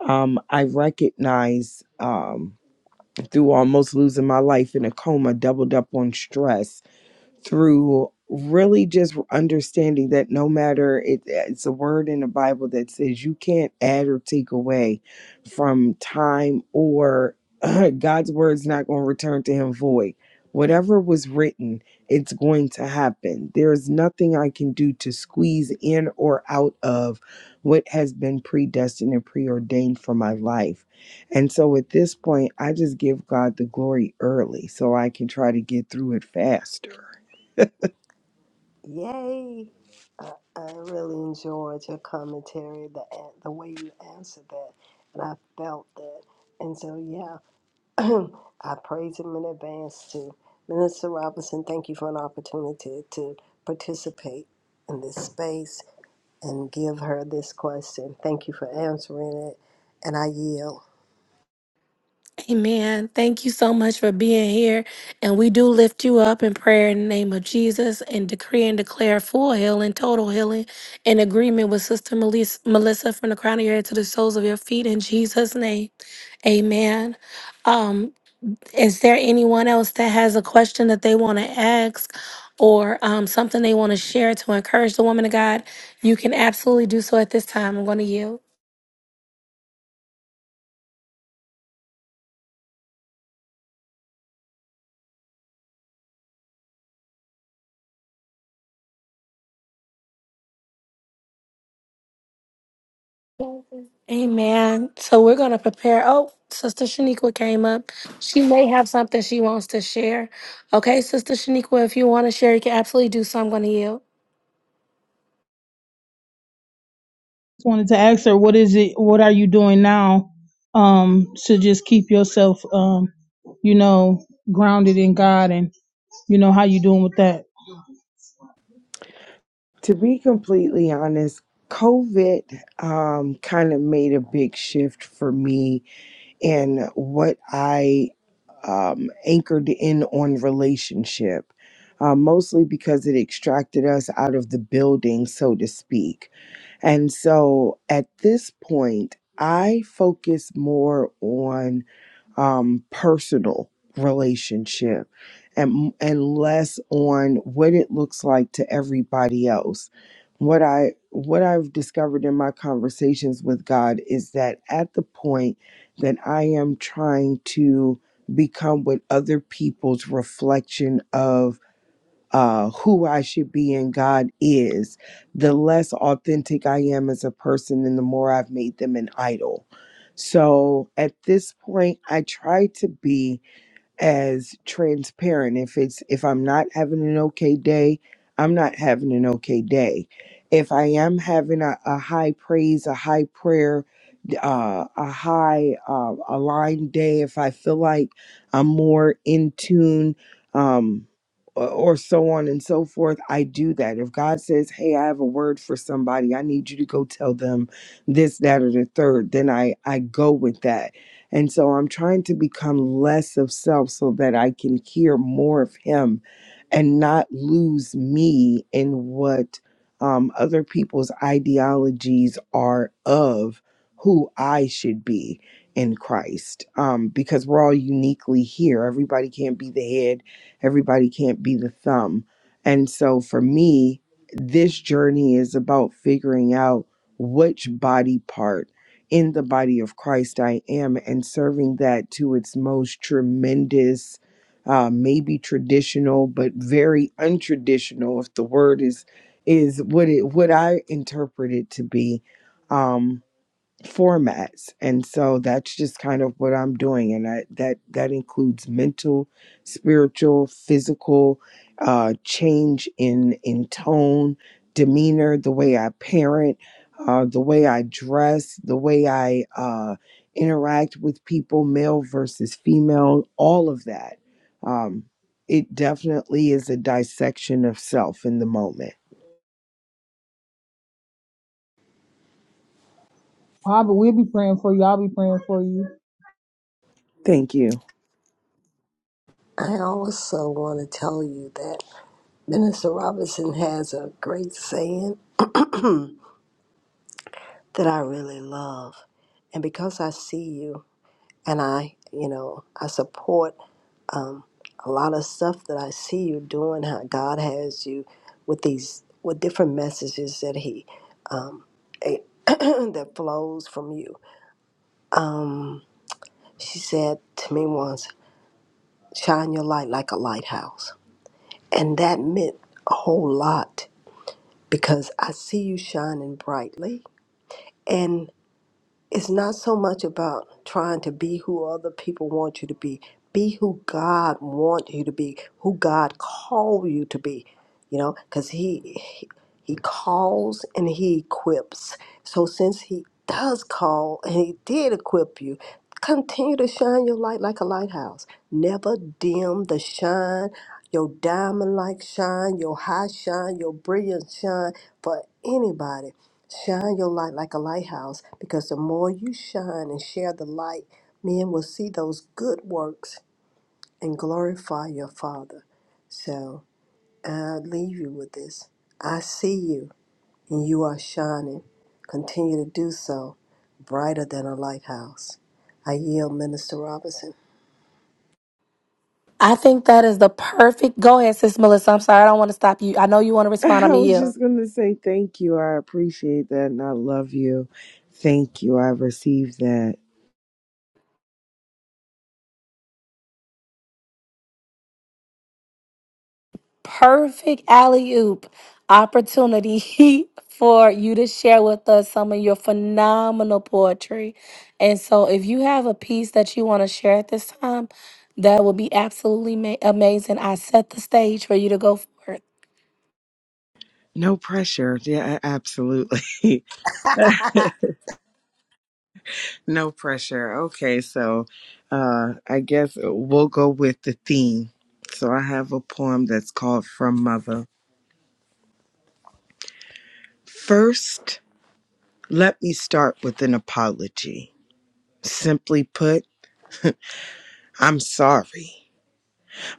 [SPEAKER 2] Um, I recognize um, through almost losing my life in a coma, doubled up on stress through really just understanding that no matter it, it's a word in the bible that says you can't add or take away from time or god's word's not going to return to him void whatever was written it's going to happen there is nothing i can do to squeeze in or out of what has been predestined and preordained for my life and so at this point i just give god the glory early so i can try to get through it faster
[SPEAKER 3] Yay! I, I really enjoyed your commentary, the a- the way you answered that, and I felt that. And so, yeah, I praise Him in advance too. Minister Robinson, thank you for an opportunity to participate in this space. and give her this question. Thank you for answering it, and I yield.
[SPEAKER 1] Amen. Thank you so much for being here. And we do lift you up in prayer in the name of Jesus and decree and declare full healing, total healing, in agreement with Sister Melis- Melissa from the crown of your head to the soles of your feet in Jesus' name. Amen. Um, is there anyone else that has a question that they want to ask or um, something they want to share to encourage the woman of God? You can absolutely do so at this time. I'm going to yield. Amen. So we're going to prepare. Oh, Sister Shaniqua came up. She may have something she wants to share. Okay, Sister Shaniqua, if you want to share, you can absolutely do so. I'm going to yield.
[SPEAKER 4] just wanted to ask her what is it what are you doing now um to just keep yourself um you know grounded in god and you know how you doing with that
[SPEAKER 2] To be completely honest, COVID um, kind of made a big shift for me in what I um, anchored in on relationship, uh, mostly because it extracted us out of the building, so to speak. And so at this point, I focus more on um, personal relationship and and less on what it looks like to everybody else. What I what I've discovered in my conversations with God is that at the point that I am trying to become what other people's reflection of uh, who I should be and God is, the less authentic I am as a person and the more I've made them an idol. So at this point, I try to be as transparent. If it's if I'm not having an okay day, I'm not having an okay day. If I am having a, a high praise, a high prayer, uh, a high uh, aligned day, if I feel like I'm more in tune, um, or, or so on and so forth, I do that. If God says, "Hey, I have a word for somebody. I need you to go tell them this, that, or the third," then I I go with that. And so I'm trying to become less of self so that I can hear more of Him, and not lose me in what um, other people's ideologies are of who I should be in Christ. Um, because we're all uniquely here. Everybody can't be the head, everybody can't be the thumb. And so for me, this journey is about figuring out which body part in the body of Christ I am and serving that to its most tremendous. Uh, maybe traditional, but very untraditional. If the word is is what it what I interpret it to be, Um, formats and so that's just kind of what i'm doing and I, that that includes mental spiritual physical uh change in in tone demeanor the way i parent uh the way i dress the way i uh interact with people male versus female all of that um it definitely is a dissection of self in the moment
[SPEAKER 4] i'll be, we'll be praying for you i'll be praying for you
[SPEAKER 2] thank you
[SPEAKER 3] I also want to tell you that Minister Robinson has a great saying that I really love. And because I see you and I, you know, I support um, a lot of stuff that I see you doing, how God has you with these, with different messages that He, um, that flows from you. Um, she said to me once, Shine your light like a lighthouse. And that meant a whole lot because I see you shining brightly. And it's not so much about trying to be who other people want you to be. Be who God wants you to be, who God called you to be. You know, because he, he he calls and he equips. So since he does call and he did equip you, continue to shine your light like a lighthouse. Never dim the shine, your diamond like shine, your high shine, your brilliant shine for anybody Shine your light like a lighthouse because the more you shine and share the light, men will see those good works and glorify your Father. So I leave you with this. I see you and you are shining. Continue to do so, brighter than a lighthouse. I yield, Minister Robinson.
[SPEAKER 1] I think that is the perfect. Go ahead, Sis Melissa. I'm sorry. I don't want to stop you. I know you want to respond. I'm
[SPEAKER 2] I
[SPEAKER 1] going to
[SPEAKER 2] was
[SPEAKER 1] yield.
[SPEAKER 2] just going to say thank you. I appreciate that and I love you. Thank you. I received that.
[SPEAKER 1] perfect alley oop opportunity for you to share with us some of your phenomenal poetry. And so, if you have a piece that you want to share at this time, that would be absolutely ma- amazing. I set the stage for you to go forth
[SPEAKER 2] No pressure. Yeah, a- absolutely. no pressure. Okay, so uh I guess we'll go with the theme. So I have a poem that's called From Mother. First, let me start with an apology. Simply put, I'm sorry.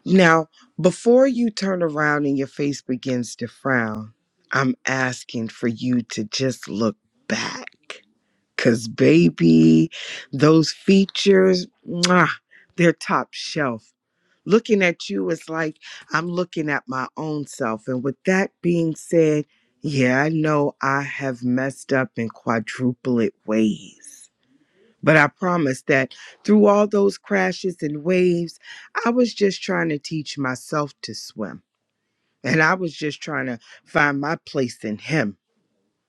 [SPEAKER 2] Now, before you turn around and your face begins to frown, I'm asking for you to just look back. Because, baby, those features, mwah, they're top shelf. Looking at you is like I'm looking at my own self. And with that being said, yeah, I know I have messed up in quadruplet ways. But I promise that through all those crashes and waves, I was just trying to teach myself to swim. And I was just trying to find my place in Him.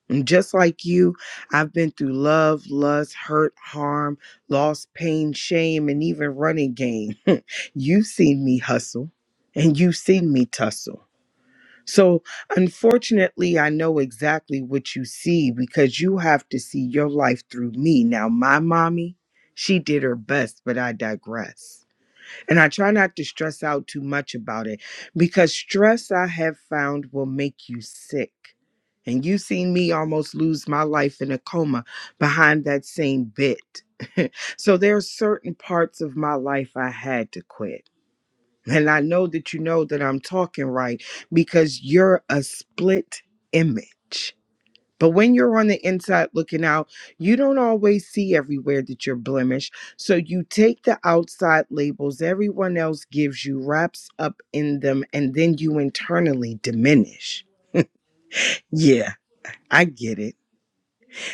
[SPEAKER 2] And just like you, I've been through love, lust, hurt, harm, loss, pain, shame, and even running game. you've seen me hustle and you've seen me tussle. So, unfortunately, I know exactly what you see because you have to see your life through me. Now, my mommy, she did her best, but I digress. And I try not to stress out too much about it because stress I have found will make you sick. And you seen me almost lose my life in a coma behind that same bit. So there are certain parts of my life I had to quit. And I know that you know that I'm talking right because you're a split image. But when you're on the inside looking out, you don't always see everywhere that you're blemished. So you take the outside labels everyone else gives you, wraps up in them, and then you internally diminish. Yeah, I get it.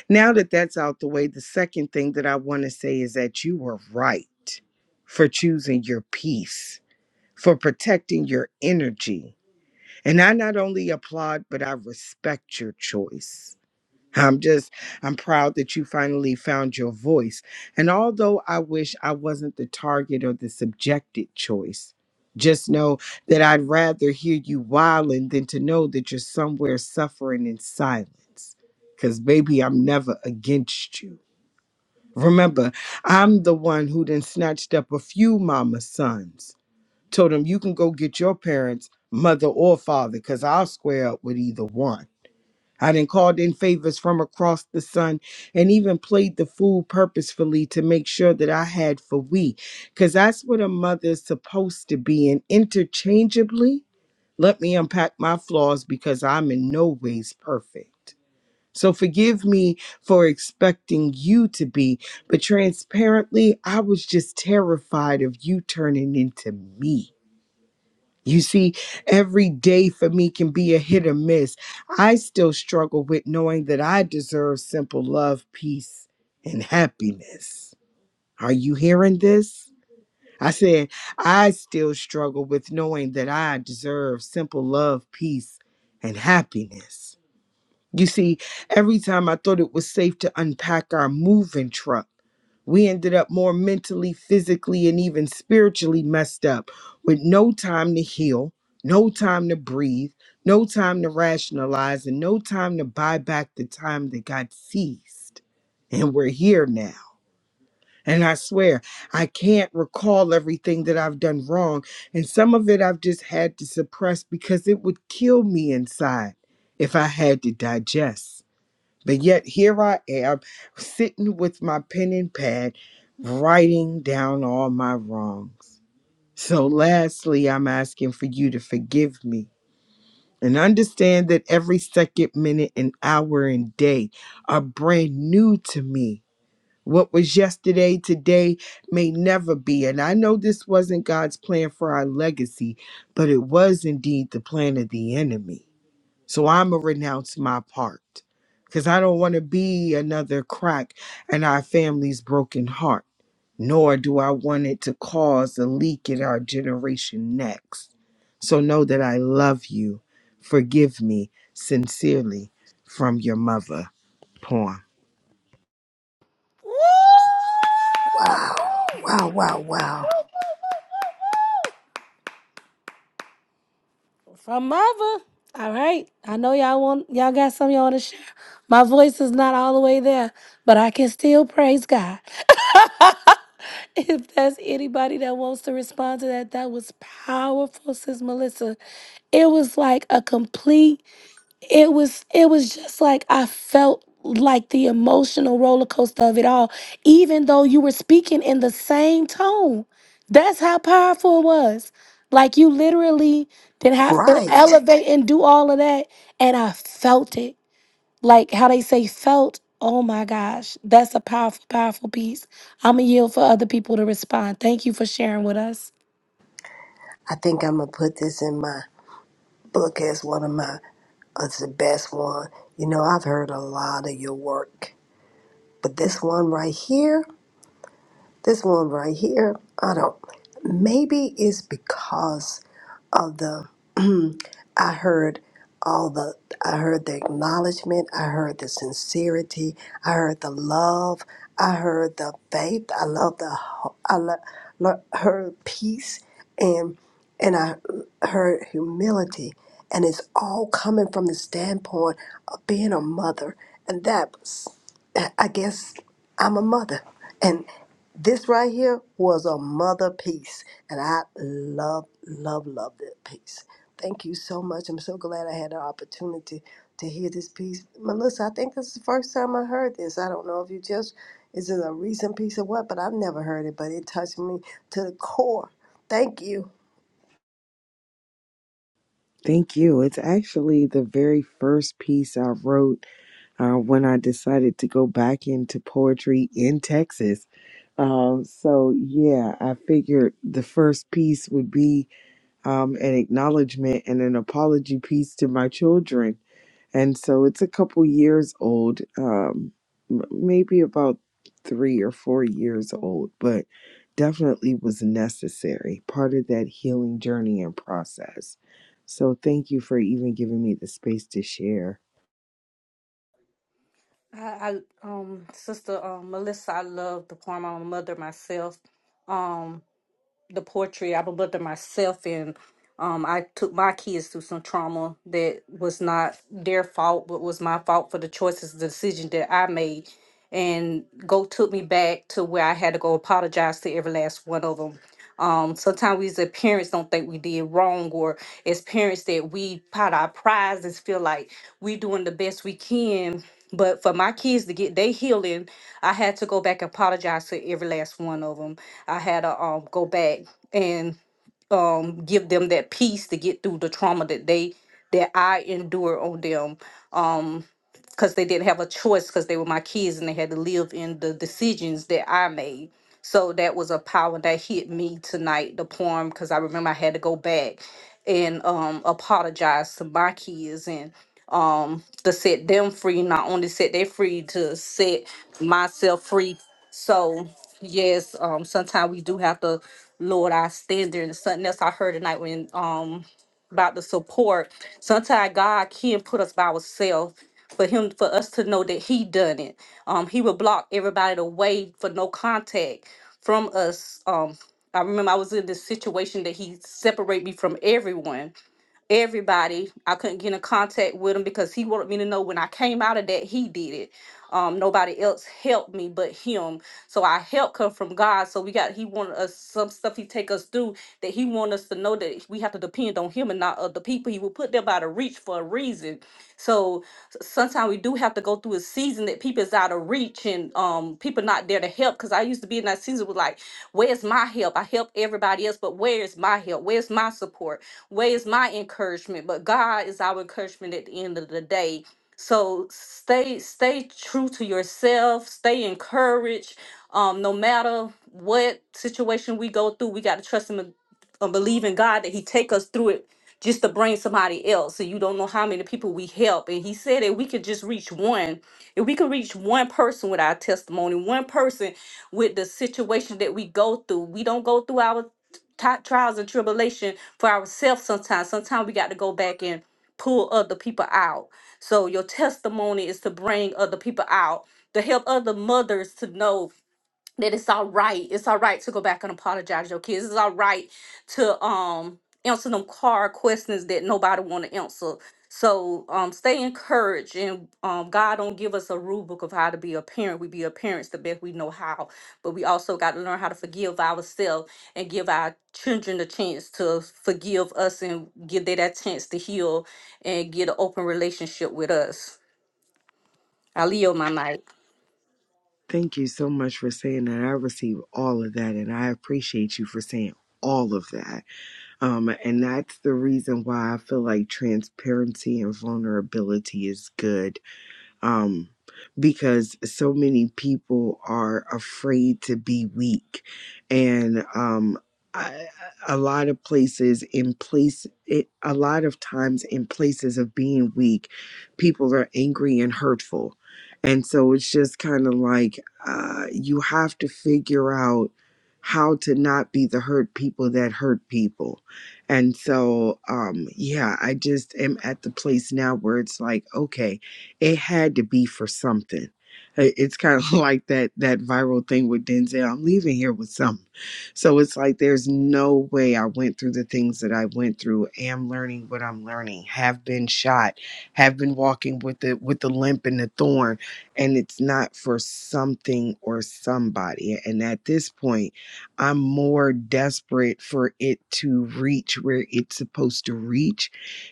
[SPEAKER 2] Now that that's out the way, the second thing that I want to say is that you were right for choosing your peace, for protecting your energy And I not only applaud, but I respect your choice. I'm just, I'm proud that you finally found your voice. And although I wish I wasn't the target or the subjected choice, just know that I'd rather hear you whiling than to know that you're somewhere suffering in silence. Because, baby, I'm never against you. Remember, I'm the one who then snatched up a few mama sons told him you can go get your parents mother or father because i'll square up with either one i then called in favors from across the sun and even played the fool purposefully to make sure that i had for we because that's what a mother's supposed to be and interchangeably let me unpack my flaws because i'm in no ways perfect so forgive me for expecting you to be but transparently i was just terrified of you turning into me you see, every day for me can be a hit or miss. I still struggle with knowing that I deserve simple love, peace, and happiness. Are you hearing this? I said, I still struggle with knowing that I deserve simple love, peace, and happiness. You see, every time I thought it was safe to unpack our moving truck, we ended up more mentally, physically, and even spiritually messed up with no time to heal, no time to breathe, no time to rationalize, and no time to buy back the time that got seized. And we're here now. And I swear, I can't recall everything that I've done wrong. And some of it I've just had to suppress because it would kill me inside if I had to digest. But yet here I am sitting with my pen and pad writing down all my wrongs. So lastly, I'm asking for you to forgive me and understand that every second, minute, and hour and day are brand new to me. What was yesterday, today may never be. And I know this wasn't God's plan for our legacy, but it was indeed the plan of the enemy. So I'm going to renounce my part because I don't want to be another crack in our family's broken heart, nor do I want it to cause a leak in our generation next. So know that I love you. Forgive me sincerely from your mother. Poem.
[SPEAKER 3] Wow, wow, wow, wow.
[SPEAKER 1] from mother. All right, I know y'all want y'all got some y'all want to share. My voice is not all the way there, but I can still praise God. If that's anybody that wants to respond to that, that was powerful, sis Melissa. It was like a complete, it was, it was just like I felt like the emotional roller coaster of it all, even though you were speaking in the same tone. That's how powerful it was. Like you literally didn't have to
[SPEAKER 3] Right.
[SPEAKER 1] elevate and do all of that. And I felt it like how they say felt. Oh my gosh, that's a powerful, powerful piece. I'm gonna yield for other people to respond. Thank you for sharing with us.
[SPEAKER 3] I think I'm going to put this in my book as one of my it's the best one. You know, I've heard a lot of your work, but this one right here this one right here, I don't. Maybe it's because of the. I heard all the. I heard the acknowledgement. I heard the sincerity. I heard the love. I heard the faith. I love the. ho- I lo- lo- heard peace and and I heard humility. And it's all coming from the standpoint of being a mother, and that was- I I guess I'm a mother this right here was a mother piece, and I love, love, love that piece. Thank you so much. I'm so glad I had the opportunity to hear this piece. Melissa, I think this is the first time I heard this. I don't know if you just, is it a recent piece or what, but I've never heard it, but it touched me to the core. Thank you.
[SPEAKER 2] Thank you. It's actually the very first piece I wrote uh, when I decided to go back into poetry in Texas. Um, so yeah, I figured the first piece would be um, an acknowledgement and an apology piece to my children, and so it's a couple years old, um, m- maybe about three or four years old, but definitely was necessary, part of that healing journey and process. So thank you for even giving me the space to share.
[SPEAKER 5] I, I um sister um Melissa, I love the poem. I'm a mother myself. Um the poetry, I'm a mother myself and um I took my kids through some trauma that was not their fault but was my fault for the choices, the decision that I made. And go took me back to where I had to go apologize to every last one of them um, sometimes we as a parents don't think we did wrong, or as parents that we pot our prize and feel like we doing the best we can. But for my kids to get their healing, I had to go back and apologize to every last one of them. I had to um, go back and um, give them that peace to get through the trauma that they that I endure on them because they didn't have a choice because they were my kids and they had to live in the decisions that I made. So that was a power that hit me tonight, the poem, because I remember I had to go back and um, apologize to my kids and to set them free, not only set they free, to set myself free. So, yes, um, sometimes we do have to lower our standard. And something else I heard tonight when um, about the support. Sometimes God can put us by ourselves for him for us to know that he done it. Um, he would block everybody away for no contact from us. Um, I remember I was in this situation that he separate me from everyone everybody. I couldn't get in contact with him because he wanted me to know when I came out of that he did it. Um, nobody else helped me but him. So our help come from God. So we got he wanted us some stuff he take us through that he want us to know that we have to depend on him and not other people. He will put them out of reach for a reason. So s- sometimes we do have to go through a season that people is out of reach and um people not there to help. Cause I used to be in that season with like, where's my help? I help everybody else, but where's my help? Where's my support? Where's my encouragement? But God is our encouragement at the end of the day. So stay stay true to yourself, stay encouraged. Um, no matter what situation we go through, we gotta trust him and and believe in God that He take us through it just to bring somebody else. So you don't know how many people we help. And He said that we could just reach one. If we could reach one person with our testimony, one person with the situation that we go through, we don't go through our t- trials and tribulation for ourselves sometimes. Sometimes we got to go back and pull other people out. So your testimony is to bring other people out, to help other mothers to know that it's all right. It's all right to go back and apologize to your kids. It's all right to um answer them hard questions that nobody want to answer. So um stay encouraged and um God don't give us a rule book of how to be a parent. We be a parents the best we know how, but we also got to learn how to forgive ourselves and give our children the chance to forgive us and give them that chance to heal and get an open relationship with us. I Leo my mic.
[SPEAKER 2] Thank you so much for saying that. I receive all of that, and I appreciate you for saying all of that. Um, and that's the reason why I feel like transparency and vulnerability is good um, because so many people are afraid to be weak, and um, I, a lot of places in place, it, a lot of times in places of being weak, people are angry and hurtful, and so it's just kind of like uh, you have to figure out how to not be the hurt people that hurt people. And so, um, yeah, I just am at the place now where it's like, okay, it had to be for something. I- It's kind of like that that viral thing with Denzel. I'm leaving here with something. So it's like there's no way I went through the things that I went through, am learning what I'm learning, have been shot, have been walking with the with the limp and the thorn, and it's not for something or somebody. And at this point, I'm more desperate for it to reach where it's supposed to reach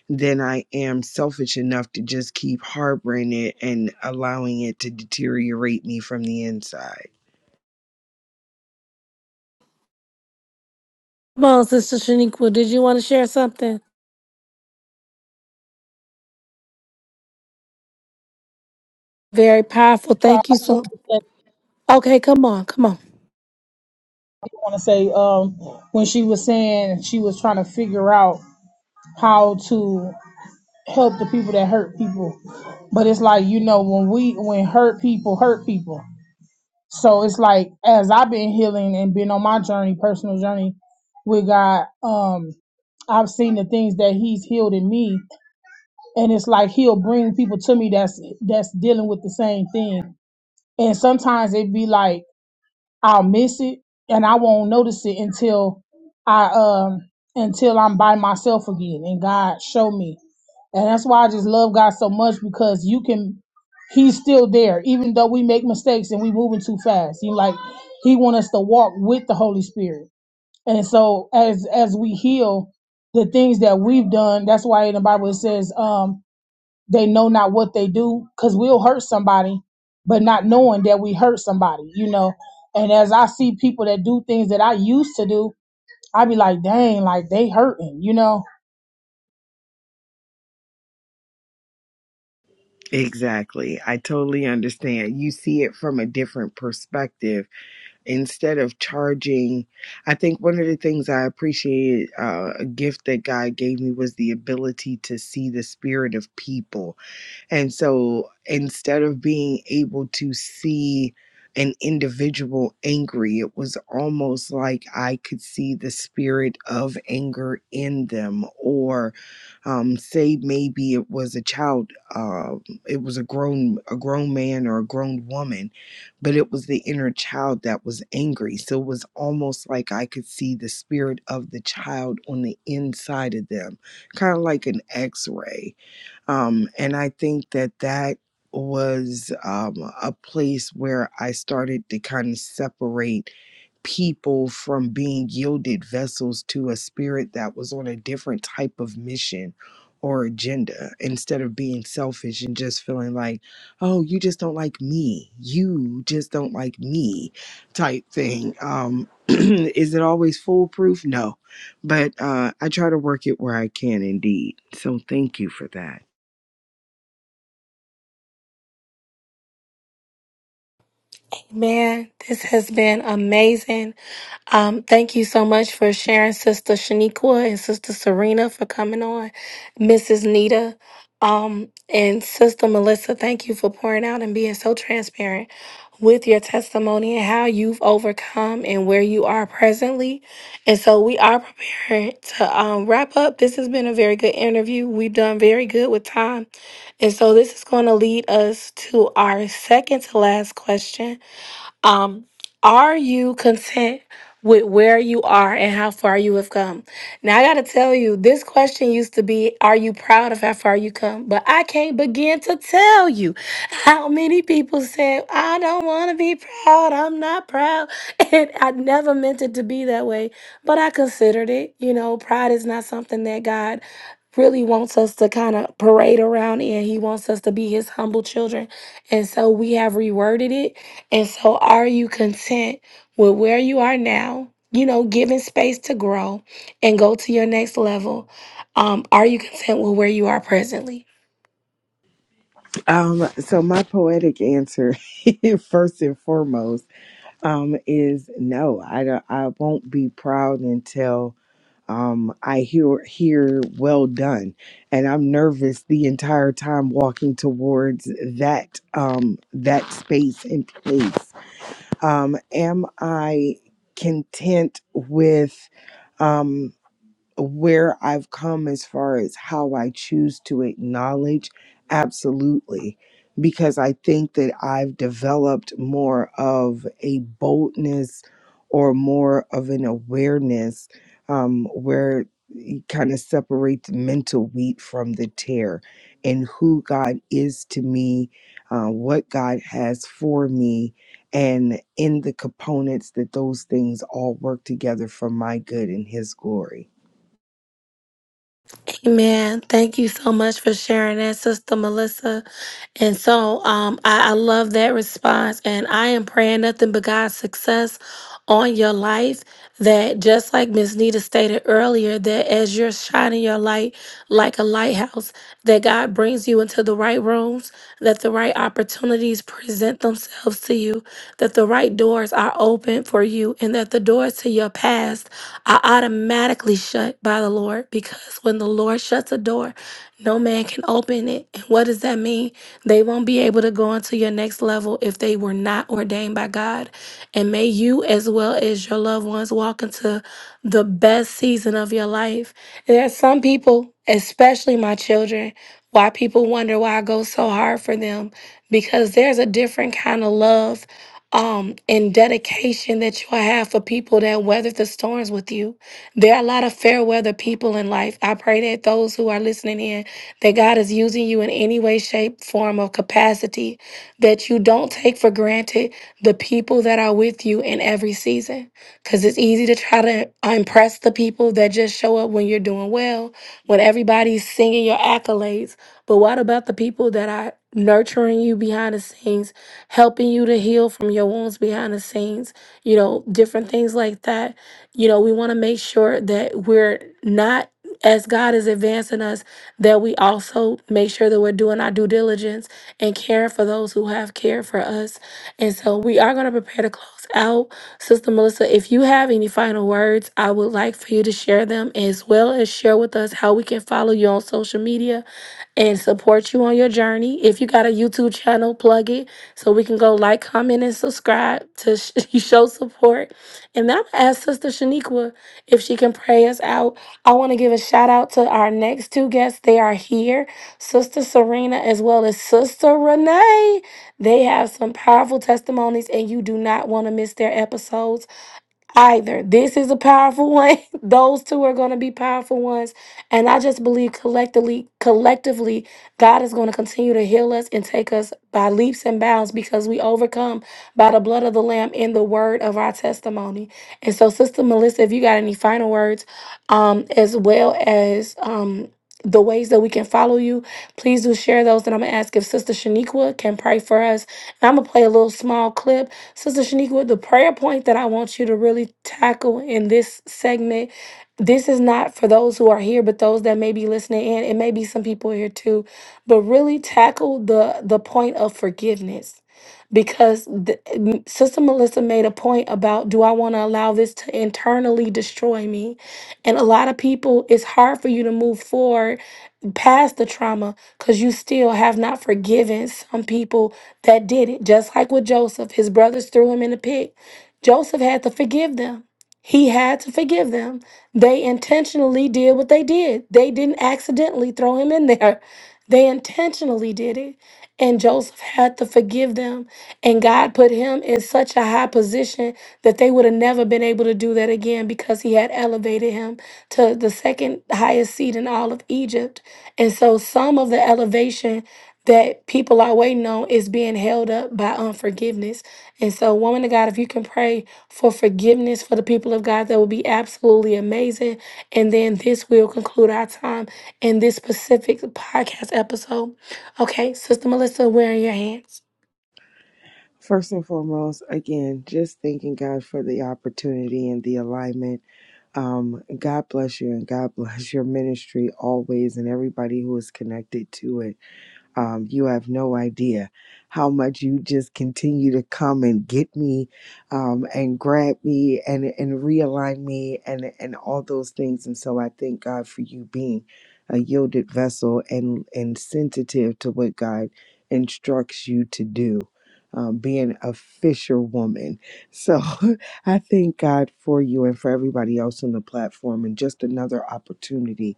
[SPEAKER 2] then I am selfish enough to just keep harboring it and allowing it to deteriorate me from the inside.
[SPEAKER 1] Come on, Sister Shaniqua, did you want to share something? Very powerful.
[SPEAKER 4] so
[SPEAKER 1] Thank
[SPEAKER 4] i
[SPEAKER 1] you
[SPEAKER 4] just
[SPEAKER 1] so.
[SPEAKER 4] wanted to say,
[SPEAKER 1] Okay, come on, come on.
[SPEAKER 4] I wanna say, um when she was saying she was trying to figure out how to help the people that hurt people but it's like you know when we when hurt people hurt people so it's like as i've been healing and been on my journey personal journey with God. Um, I've seen the things that he's healed in me. And it's like he'll bring people to me that's that's dealing with the same thing. And sometimes it'd be like I'll miss it and I won't notice it until I um until I'm by myself again and God show me. And that's why I just love God so much because you can He's still there, even though we make mistakes and we moving too fast. He like He want us to walk with the Holy Spirit and so as as we heal, the things that we've done, that's why in the Bible it says, um, they know not what they do, because we'll hurt somebody, but not knowing that we hurt somebody, you know. And as I see people that do things that I used to do, I be like, dang, like they hurting, you know.
[SPEAKER 2] Exactly. I totally understand. You see it from a different perspective. Instead of charging, I think one of the things I appreciated, uh, a gift that God gave me was the ability to see the spirit of people And so instead of being able to see an individual angry, it was almost like I could see the spirit of anger in them. Or um, say maybe it was a child, uh, it was a grown a grown man or a grown woman, but it was the inner child that was angry. So it was almost like I could see the spirit of the child on the inside of them, kind of like an X ray um, and I think that that was um, a place where I started to kind of separate people from being yielded vessels to a spirit that was on a different type of mission or agenda instead of being selfish and just feeling like, oh, you just don't like me. You just don't like me type thing. Um, is it always foolproof? No. But uh, I try to work it where I can indeed. So thank you for that.
[SPEAKER 1] Man, this has been amazing. Um, thank you so much for sharing, Sister Shaniqua and Sister Serena for coming on, Mrs. Nita, um, and Sister Melissa. Thank you for pouring out and being so transparent with your testimony and how you've overcome and where you are presently. And so we are preparing to um, wrap up. This has been a very good interview. We've done very good with time. And so this is going to lead us to our second to last question. Um, are you content with where you are and how far you have come? Now, I got to tell you, this question used to be, Are you proud of how far you come? But I can't begin to tell you how many people said, I don't want to be proud. I'm not proud. And I never meant it to be that way, but I considered it. You know, pride is not something that God really wants us to kind of parade around in. He wants us to be his humble children. And so we have reworded it. And so are you content with where you are now? You know, giving space to grow and go to your next level. Um, are you content with where you are presently?
[SPEAKER 2] Um, so my poetic answer, first and foremost, um, is no. I don't, I won't be proud until um I hear hear well done, and I'm nervous the entire time walking towards that um that space and place. Um, am I content with? Um, where I've come as far as how I choose to acknowledge, absolutely. Because I think that I've developed more of a boldness or more of an awareness um, where you kind of separate the mental wheat from the tear and who God is to me, uh, what God has for me, and in the components that those things all work together for my good and His glory.
[SPEAKER 1] Amen. Thank you so much for sharing that, Sister Melissa. And so um, I, I love that response. And I am praying nothing but God's success on your life. That just like Miss Nita stated earlier, that as you're shining your light like a lighthouse, that God brings you into the right rooms, that the right opportunities present themselves to you, that the right doors are open for you, and that the doors to your a past, are automatically shut by the Lord because when the Lord shuts a door, no man can open it. And what does that mean? They won't be able to go into your next level if they were not ordained by God. And may you, as well as your loved ones, walk into the best season of your life. There are some people, especially my children, why people wonder why I go so hard for them because there's a different kind of love um, and dedication that you'll have for people that weathered the storms with you. There are a lot of fair weather people in life. I pray that those who are listening in, that God is using you in any way, shape, form, or capacity, that you don't take for granted the people that are with you in every season. Because it's easy to try to impress the people that just show up when you're doing well, when everybody's singing your accolades. But what about the people that are nurturing you behind the scenes, helping you to heal from your wounds behind the scenes, you know, different things like that. You know, we want to make sure that we're not, as God is advancing us, that we also make sure that we're doing our due diligence and caring for those who have cared for us. And so we are going to prepare to close us out. Sister Melissa, if you have any final words, I would like for you to share them as well as share with us how we can follow you on social media and support you on your journey. If you got a YouTube channel, plug it so we can go like, comment, and subscribe to sh- show support. And then I'm gonna ask Sister Shaniqua if she can pray us out. I want to give a shout out to our next two guests. They are here, Sister Serena as well as Sister Renee. They have some powerful testimonies, and you do not want to miss their episodes either. This is a powerful one. Those two are going to be powerful ones. And I just believe collectively, collectively, God is going to continue to heal us and take us by leaps and bounds because we overcome by the blood of the Lamb and the word of our testimony. And so, Sister Melissa, if you got any final words, um, as well as um the ways that we can follow you. Please do share those. And I'm going to ask if Sister Shaniqua can pray for us. And I'm going to play a little small clip. Sister Shaniqua, the prayer point that I want you to really tackle in this segment, this is not for those who are here, but those that may be listening in. It may be some people here too. But really tackle the, the point of forgiveness because the, m- Sister Melissa made a point about do I want to allow this to internally destroy me? And a lot of people, it's hard for you to move forward past the trauma because you still have not forgiven some people that did it. Just like with Joseph, his brothers threw him in the pit. Joseph had to forgive them. He had to forgive them. They intentionally did what they did. They didn't accidentally throw him in there. They intentionally did it. And Joseph had to forgive them. And God put him in such a high position that they would have never been able to do that again because he had elevated him to the second highest seat in all of Egypt. And so some of the elevation that people are waiting on is being held up by unforgiveness. And so, woman of God, if you can pray for forgiveness for the people of God, that would be absolutely amazing. And then this will conclude our time in this specific podcast episode. Okay, Sister Melissa, we're in your hands.
[SPEAKER 2] First and foremost, again, just thanking God for the opportunity and the alignment. Um, God bless you and God bless your ministry always and everybody who is connected to it. Um, you have no idea how much you just continue to come and get me um, and grab me and, and realign me and, and all those things. And so I thank God for you being a yielded vessel and, and sensitive to what God instructs you to do. Um, being a fisherwoman. So I thank God for you and for everybody else on the platform, and just another opportunity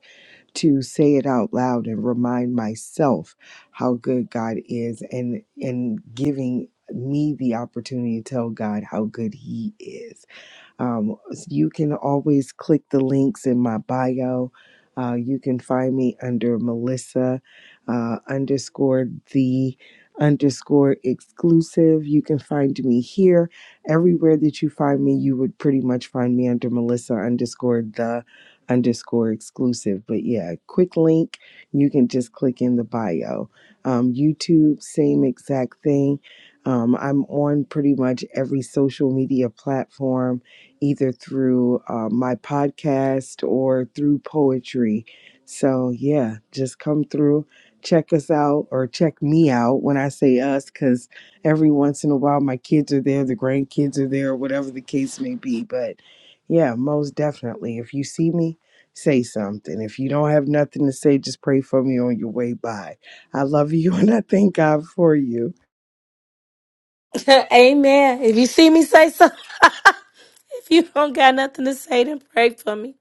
[SPEAKER 2] to say it out loud and remind myself how good God is and and giving me the opportunity to tell God how good he is um, you can always click the links in my bio. Uh, you can find me under Melissa uh, underscore the underscore exclusive. You can find me here. Everywhere that you find me, you would pretty much find me under Melissa underscore the underscore exclusive. But yeah, quick link. You can just click in the bio. Um, YouTube, same exact thing. Um, I'm on pretty much every social media platform either through uh, my podcast or through poetry. So, yeah, just come through, check us out, or check me out when I say us, because every once in a while my kids are there, the grandkids are there, whatever the case may be. But yeah, most definitely. If you see me, say something. If you don't have nothing to say, just pray for me on your way by. I love you and I thank God for you.
[SPEAKER 1] Amen. If you see me say so. If you don't got nothing to say, then pray for me.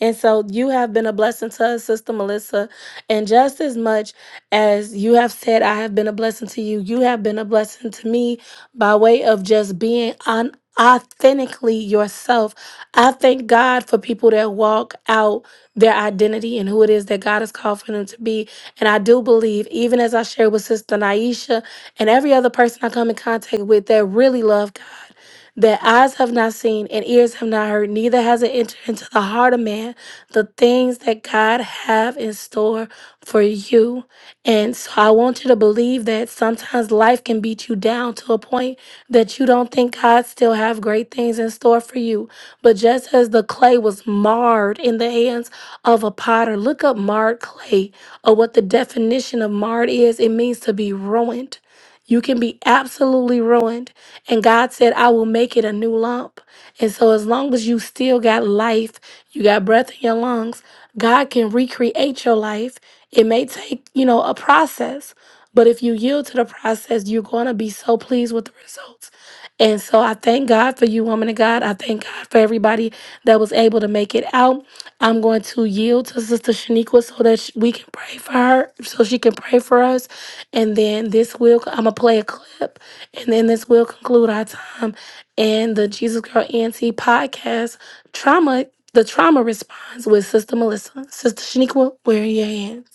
[SPEAKER 1] And so you have been a blessing to us, Sister Melissa. And just as much as you have said, I have been a blessing to you, you have been a blessing to me by way of just being un- authentically yourself. I thank God for people that walk out their identity and who it is that God has called for them to be. And I do believe, even as I shared with Sister Naisha and every other person I come in contact with that really love God that eyes have not seen and ears have not heard, neither has it entered into the heart of man the things that God have in store for you. And so I want you to believe that sometimes life can beat you down to a point that you don't think God still have great things in store for you. But just as the clay was marred in the hands of a potter, look up marred clay or what the definition of marred is. It means to be ruined. You can be absolutely ruined. And God said, I will make it a new lump. And so, as long as you still got life, you got breath in your lungs, God can recreate your life. It may take, you know, a process, but if you yield to the process, you're going to be so pleased with the results. And so I thank God for you, woman of God. I thank God for everybody that was able to make it out. I'm going to yield to Sister Shaniqua so that sh- we can pray for her, so she can pray for us. And then this will, I'm going to play a clip, and then this will conclude our time in the Jesus Girl Auntie podcast, Trauma, the Trauma Response with Sister Melissa. Sister Shaniqua, where are your hands?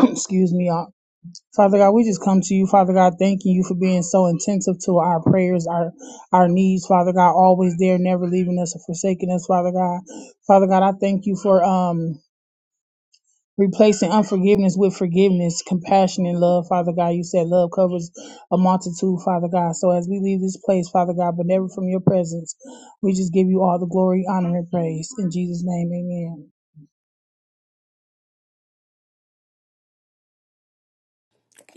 [SPEAKER 4] Excuse me, y'all. Father God, we just come to you, Father God, thanking you for being so intensive to our prayers, our our needs, Father God, always there, never leaving us or forsaking us, Father God. Father God, I thank you for um replacing unforgiveness with forgiveness, compassion, and love. Father God, you said love covers a multitude, Father God. So as we leave this place, Father God, but never from your presence, we just give you all the glory, honor, and praise. In Jesus' name, amen.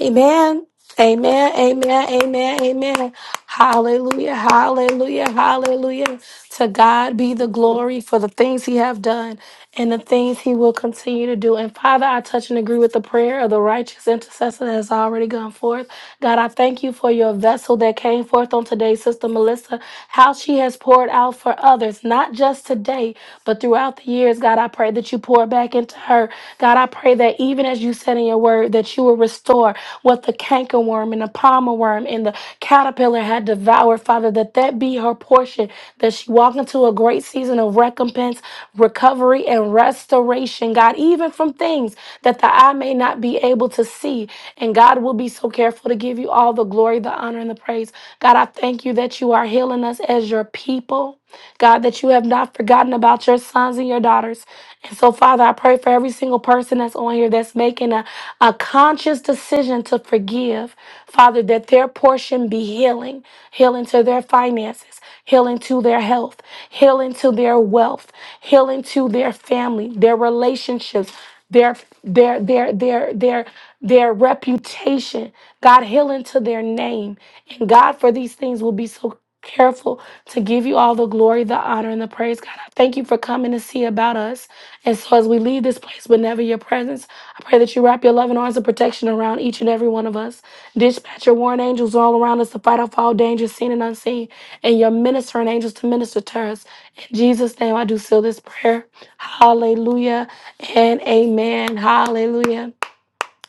[SPEAKER 1] Amen. Amen. Amen. Amen. Amen. Hallelujah. Hallelujah. Hallelujah. To God be the glory for the things he have done and the things he will continue to do. And Father, I touch and agree with the prayer of the righteous intercessor that has already gone forth. God, I thank you for your vessel that came forth on today, Sister Melissa, how she has poured out for others, not just today, but throughout the years. God, I pray that you pour back back into her. God, I pray that even as you said in your word, that you will restore what the cankerworm and the palmer worm and the caterpillar had devoured, Father, that that be her portion, that she walk into a great season of recompense, recovery, and restoration, God, even from things that the eye may not be able to see. And God will be so careful to give you all the glory, the honor, and the praise. God, I thank you that you are healing us as your people. God, that you have not forgotten about your sons and your daughters. And so, Father, I pray for every single person that's on here that's making a, a conscious decision to forgive, Father, that their portion be healing, healing to their finances, healing to their health, healing to their wealth, healing to their family, their relationships, their their their their their their reputation god healing to their name and god for these things will be so careful to give you all the glory, the honor, and the praise. God, I thank you for coming to see about us. And so as we leave this place, but never your presence, I pray that you wrap your loving arms of protection around each and every one of us. Dispatch your warring angels all around us to fight off all dangers, seen and unseen, and your ministering angels to minister to us. In Jesus' name, I do seal this prayer. Hallelujah and amen. Hallelujah.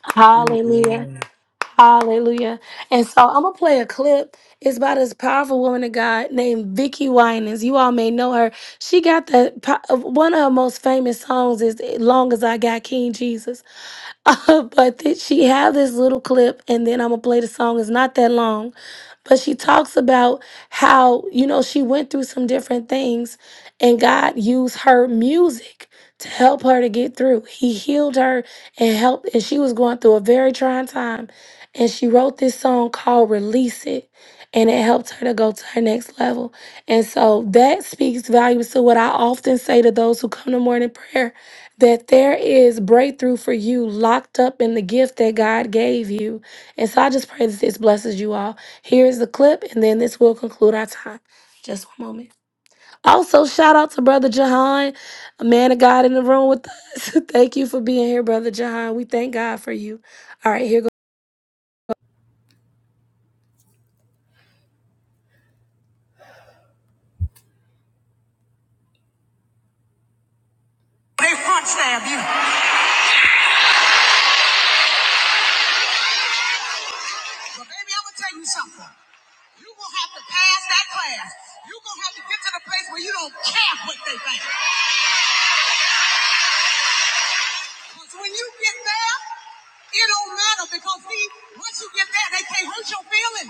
[SPEAKER 1] Hallelujah.
[SPEAKER 2] Amen.
[SPEAKER 1] Hallelujah. And so I'm gonna play a clip. It's by this powerful woman of God named Vicky Winans. You all may know her. She got the po- one of her most famous songs is "Long as I Got King Jesus." Uh, but then she have this little clip, and then I'm gonna play the song. It's not that long, but she talks about how you know she went through some different things, and God used her music to help her to get through. He healed her and helped, and she was going through a very trying time, and she wrote this song called "Release It." and it helped her to go to her next level. And so that speaks volumes to what I often say to those who come to morning prayer that there is breakthrough for you locked up in the gift that God gave you. And so I just pray that this blesses you all. Here is the clip, and then this will conclude our time. Just one moment. Also, shout out to Brother Jahan, a man of God in the room with us. thank you for being here, Brother Jahan. We thank God for you. All right, here goes. You're going to have to get to the place where you don't care what they think. Because when you get there, it don't matter because see, once you get there, they can't hurt your feelings.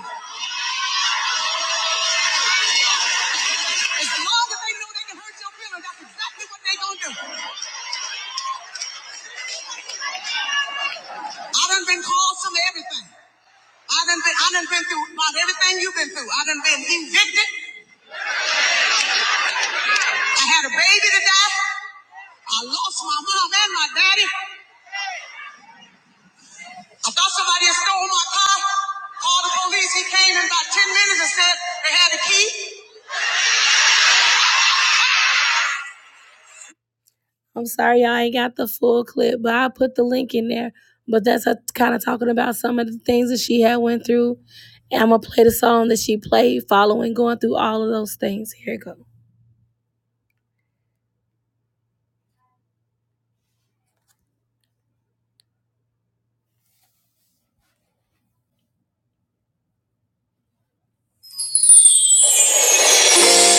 [SPEAKER 1] As long as they know they can hurt your feelings, that's exactly what they gonna do. I done been called some everything. I done been I done been through about everything you've been through. I done been evicted. I had a baby to die. I lost my mom and my daddy. I thought somebody had stole my car. Called the police. He came in about 10 minutes and said they had a key. I'm sorry y'all ain't got the full clip, but I put the link in there. But that's her kind of talking about some of the things that she had went through. And I'm gonna play the song that she played following going through all of those things. Here it goes.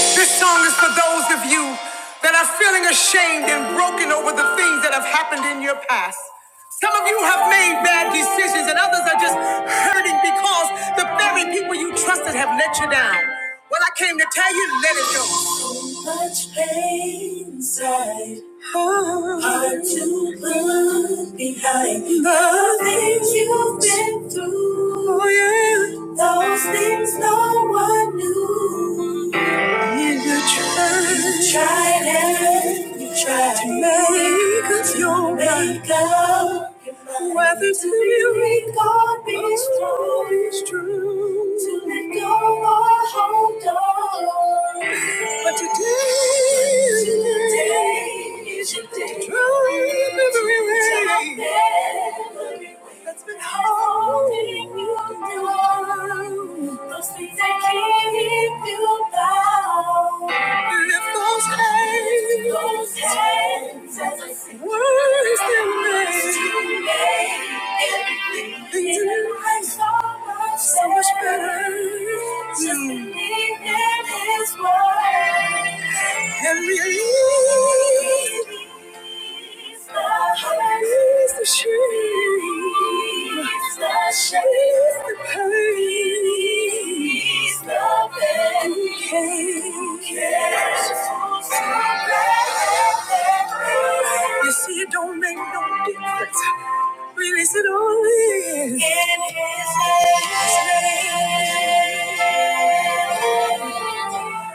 [SPEAKER 1] This song is for those of you that are feeling ashamed and broken over the things that have happened in your past. Some of you have made bad decisions, and others are just hurting because the very people you trusted have let you down. Well, I came to tell you, let it go. You try to make us your way go. Whether to be God be strong, is true. To let go or hold. But today, today is your day. To try in every way. That's been holding you down. Those things that keep you down. Lift those hands. Those hands as Words to make. everything Things in your life so much so much better. Just Mm. believe in His word. And release the the the shame. She's the pain. She's the pain. You came. You see, it don't make no difference. Release it all in. In His name.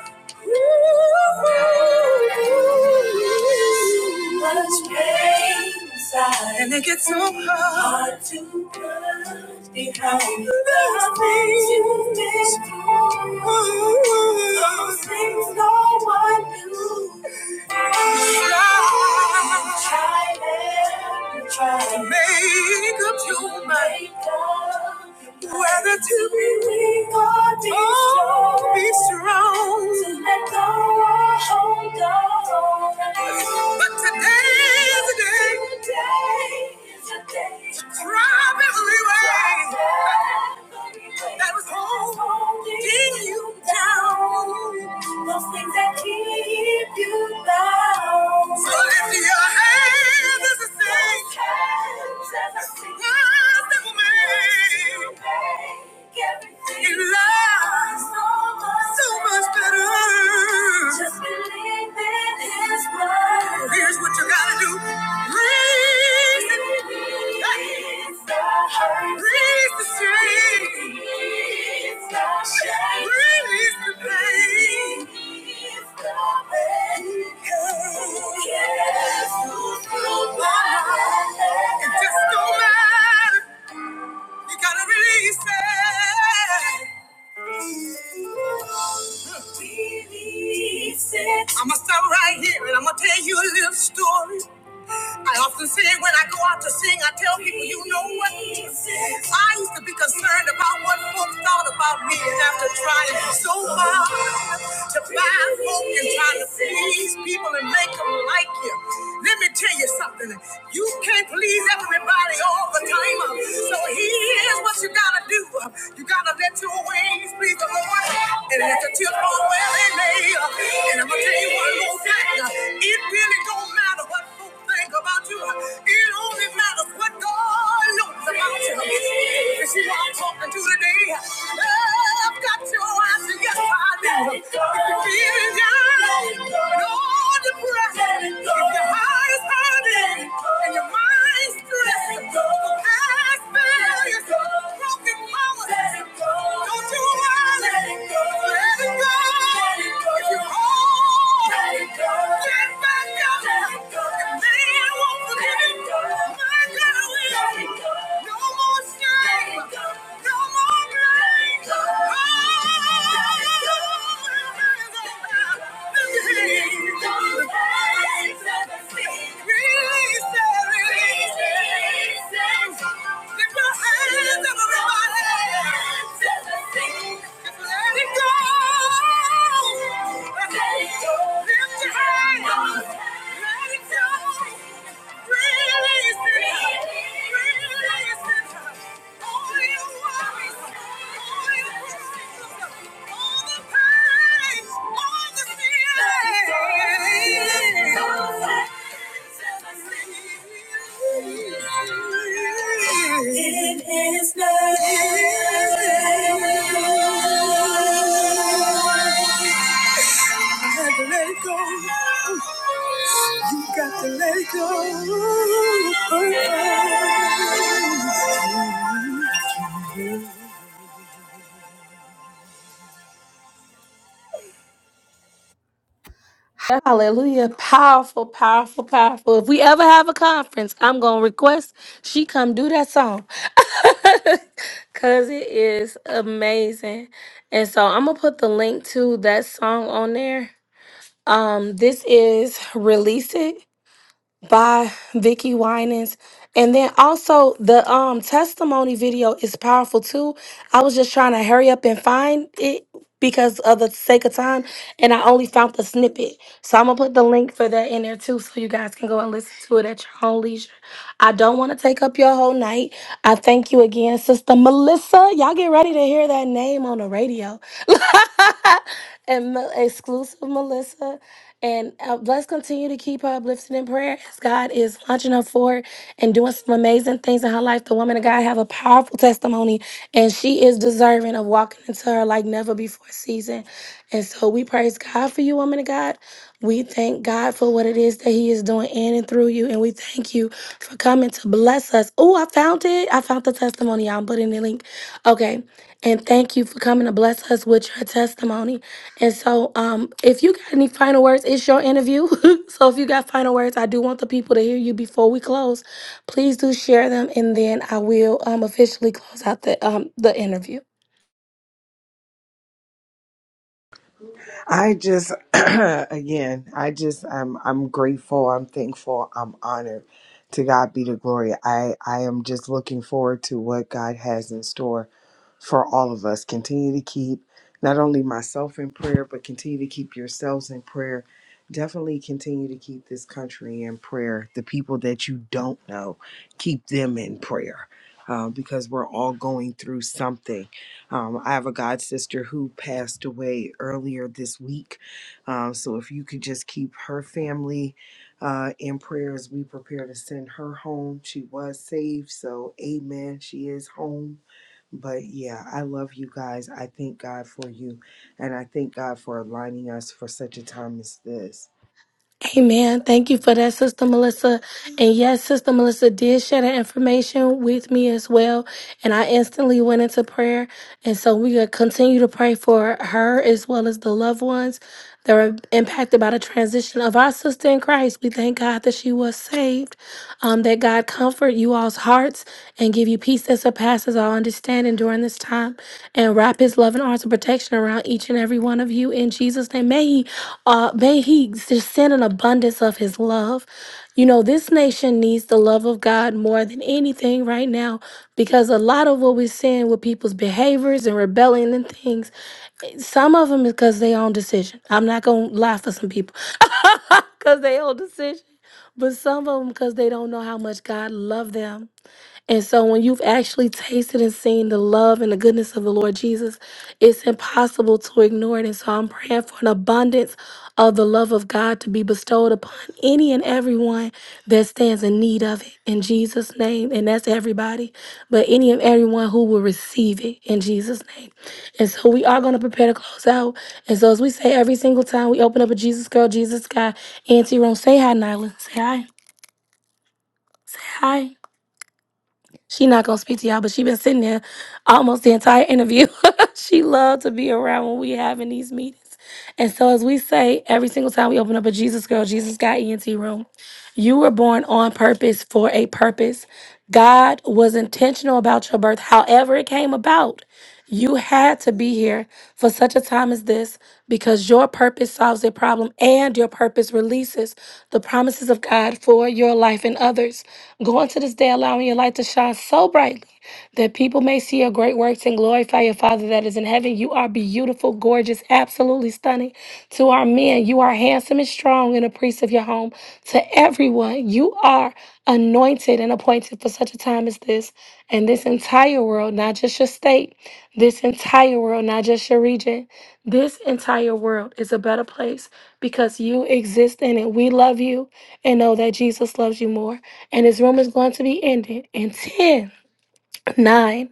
[SPEAKER 1] Much pain inside. And it gets so hard, hard to put behind the things you did. Those things no one knew. Try, try, and you try to make up your mind. Whether to be weak or be oh, strong. Be strong. To let go or hold on. But today is a day. Today is a day. To drive every way. That was holding you down. Those things that keep you down. So lift your hands as and sing. Words that will make your life so much better. Here's what you gotta do. breathe the breathe the shame. breathe the pain. It just don't matter. You gotta release it. I'ma stop right here and I'ma tell you a little story. I often say when I go out to sing, I tell people, you know what? I used to be concerned about what folks thought about me after trying so hard to find folk and trying to please people and make them like you. Let me tell you something. You can't please everybody all the time. So here's what you gotta do. You gotta let your ways please the Lord and let the children and I'm gonna tell you one more thing. It really don't matter what folks think about you. It only matters what God knows about you. You see what I'm talking to today? I've got your answer. Yes, I do. If you're feeling down and all depressed, if your heart is hurting and your mind's stressed, the past failure it go. Broken mama. Let it go. Don't you worry. Let it go. Let it go. Let it go. If you're wrong, let it go. Get back up. Let it go. The man won't forgive Let it you. go. My God will. Let it go. No more shame. Let it go. No more blame. Let it go. Oh, let it go. Let it go. Let it go. Let it go. It is love. Had to let it go. You've got to let it go. Hallelujah. Powerful, powerful, powerful. If we ever have a conference, I'm going to request she come do that song. Because it is amazing. And so I'm going to put the link to that song on there. Um, this is Release It by Vicky Winans. And then also the um testimony video is powerful too. I was just trying to hurry up and find it because of the sake of time and I only found the snippet. So I'm gonna put the link for that in there too so you guys can go and listen to it at your own leisure. I don't want to take up your whole night. I thank you again, Sister Melissa. Y'all get ready to hear that name on the radio. and Mel- exclusive Melissa. And uh, let's continue to keep her uplifted in prayer as God is launching her forward and doing some amazing things in her life. The woman of God have a powerful testimony, and she is deserving of walking into her like never before season. And so we praise God for you, woman of God. We thank God for what it is that He is doing in and through you. And we thank you for coming to bless us. Oh, I found it. I found the testimony. I'm putting the link. Okay. And thank you for coming to bless us with your testimony. And so, um, if you got any final words, it's your interview. so, if you got final words, I do want the people to hear you before we close. Please do share them, and then I will um, officially close out the um, the interview.
[SPEAKER 2] I just again, I just I'm I'm grateful, I'm thankful, I'm honored. To God be the glory. I I am just looking forward to what God has in store for all of us. Continue to keep not only myself in prayer, but continue to keep yourselves in prayer. Definitely continue to keep this country in prayer. The people that you don't know, keep them in prayer uh, because we're all going through something um, I have a god sister who passed away earlier this week. Um, so if you could just keep her family uh, in prayer as we prepare to send her home. She was saved. So, amen. She is home. But yeah, I love you guys. I thank God for you. And I thank God for aligning us for such a time as this.
[SPEAKER 1] Amen. Thank you for that, Sister Melissa. And yes, Sister Melissa did share that information with me as well. And I instantly went into prayer. And so we gonna continue to pray for her as well as the loved ones that were impacted by the transition of our sister in Christ. We thank God that she was saved. Um, that God comfort you all's hearts and give you peace that surpasses all understanding during this time and wrap his loving arms of protection around each and every one of you in Jesus name may he uh may he just send an abundance of his love you know this nation needs the love of God more than anything right now because a lot of what we're seeing with people's behaviors and rebellion and things some of them is because they own decision I'm not gonna lie for some people because they own decision but some of them because they don't know how much God loved them and so when you've actually tasted and seen the love and the goodness of the Lord Jesus, it's impossible to ignore it. And so I'm praying for an abundance of the love of God to be bestowed upon any and everyone that stands in need of it in Jesus' name. And that's everybody, but any and everyone who will receive it in Jesus' name. And so we are going to prepare to close out. And so as we say every single time we open up a Jesus girl, Jesus guy, Auntie Room, say hi, Nyla. Say hi. Hi. She not gonna speak to y'all, but she been sitting there almost the entire interview. she loved to be around when we having these meetings. And so as we say every single time we open up a Jesus girl, Jesus got ENT room. You were born on purpose for a purpose. God was intentional about your birth, however, it came about. You had to be here for such a time as this because your purpose solves a problem and your purpose releases the promises of God for your life and others. Go into this day allowing your light to shine so brightly that people may see your great works and glorify your Father that is in heaven. You are beautiful, gorgeous, absolutely stunning. To our men, you are handsome and strong strong and a priest of your home to everyone. You are anointed and appointed for such a time as this. And this entire world, not just your state, this entire world, not just your region, this entire world is a better place because you exist in it. We love you and know that Jesus loves you more. And this room is going to be ended in 10, 9.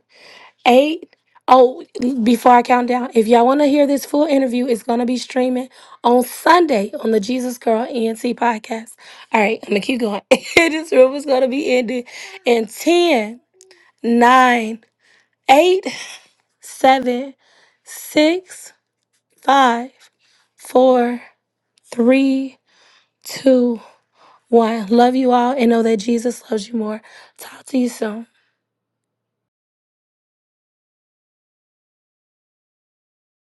[SPEAKER 1] Eight. Oh, before I count down, if y'all want to hear this full interview, it's going to be streaming on Sunday on the Jesus Girl ENT podcast. All right, I'm going to keep going. this room is going to be ending in ten, nine, eight, seven, six, five, four, three, two, one. Love you all and know that Jesus loves you more. Talk to you soon.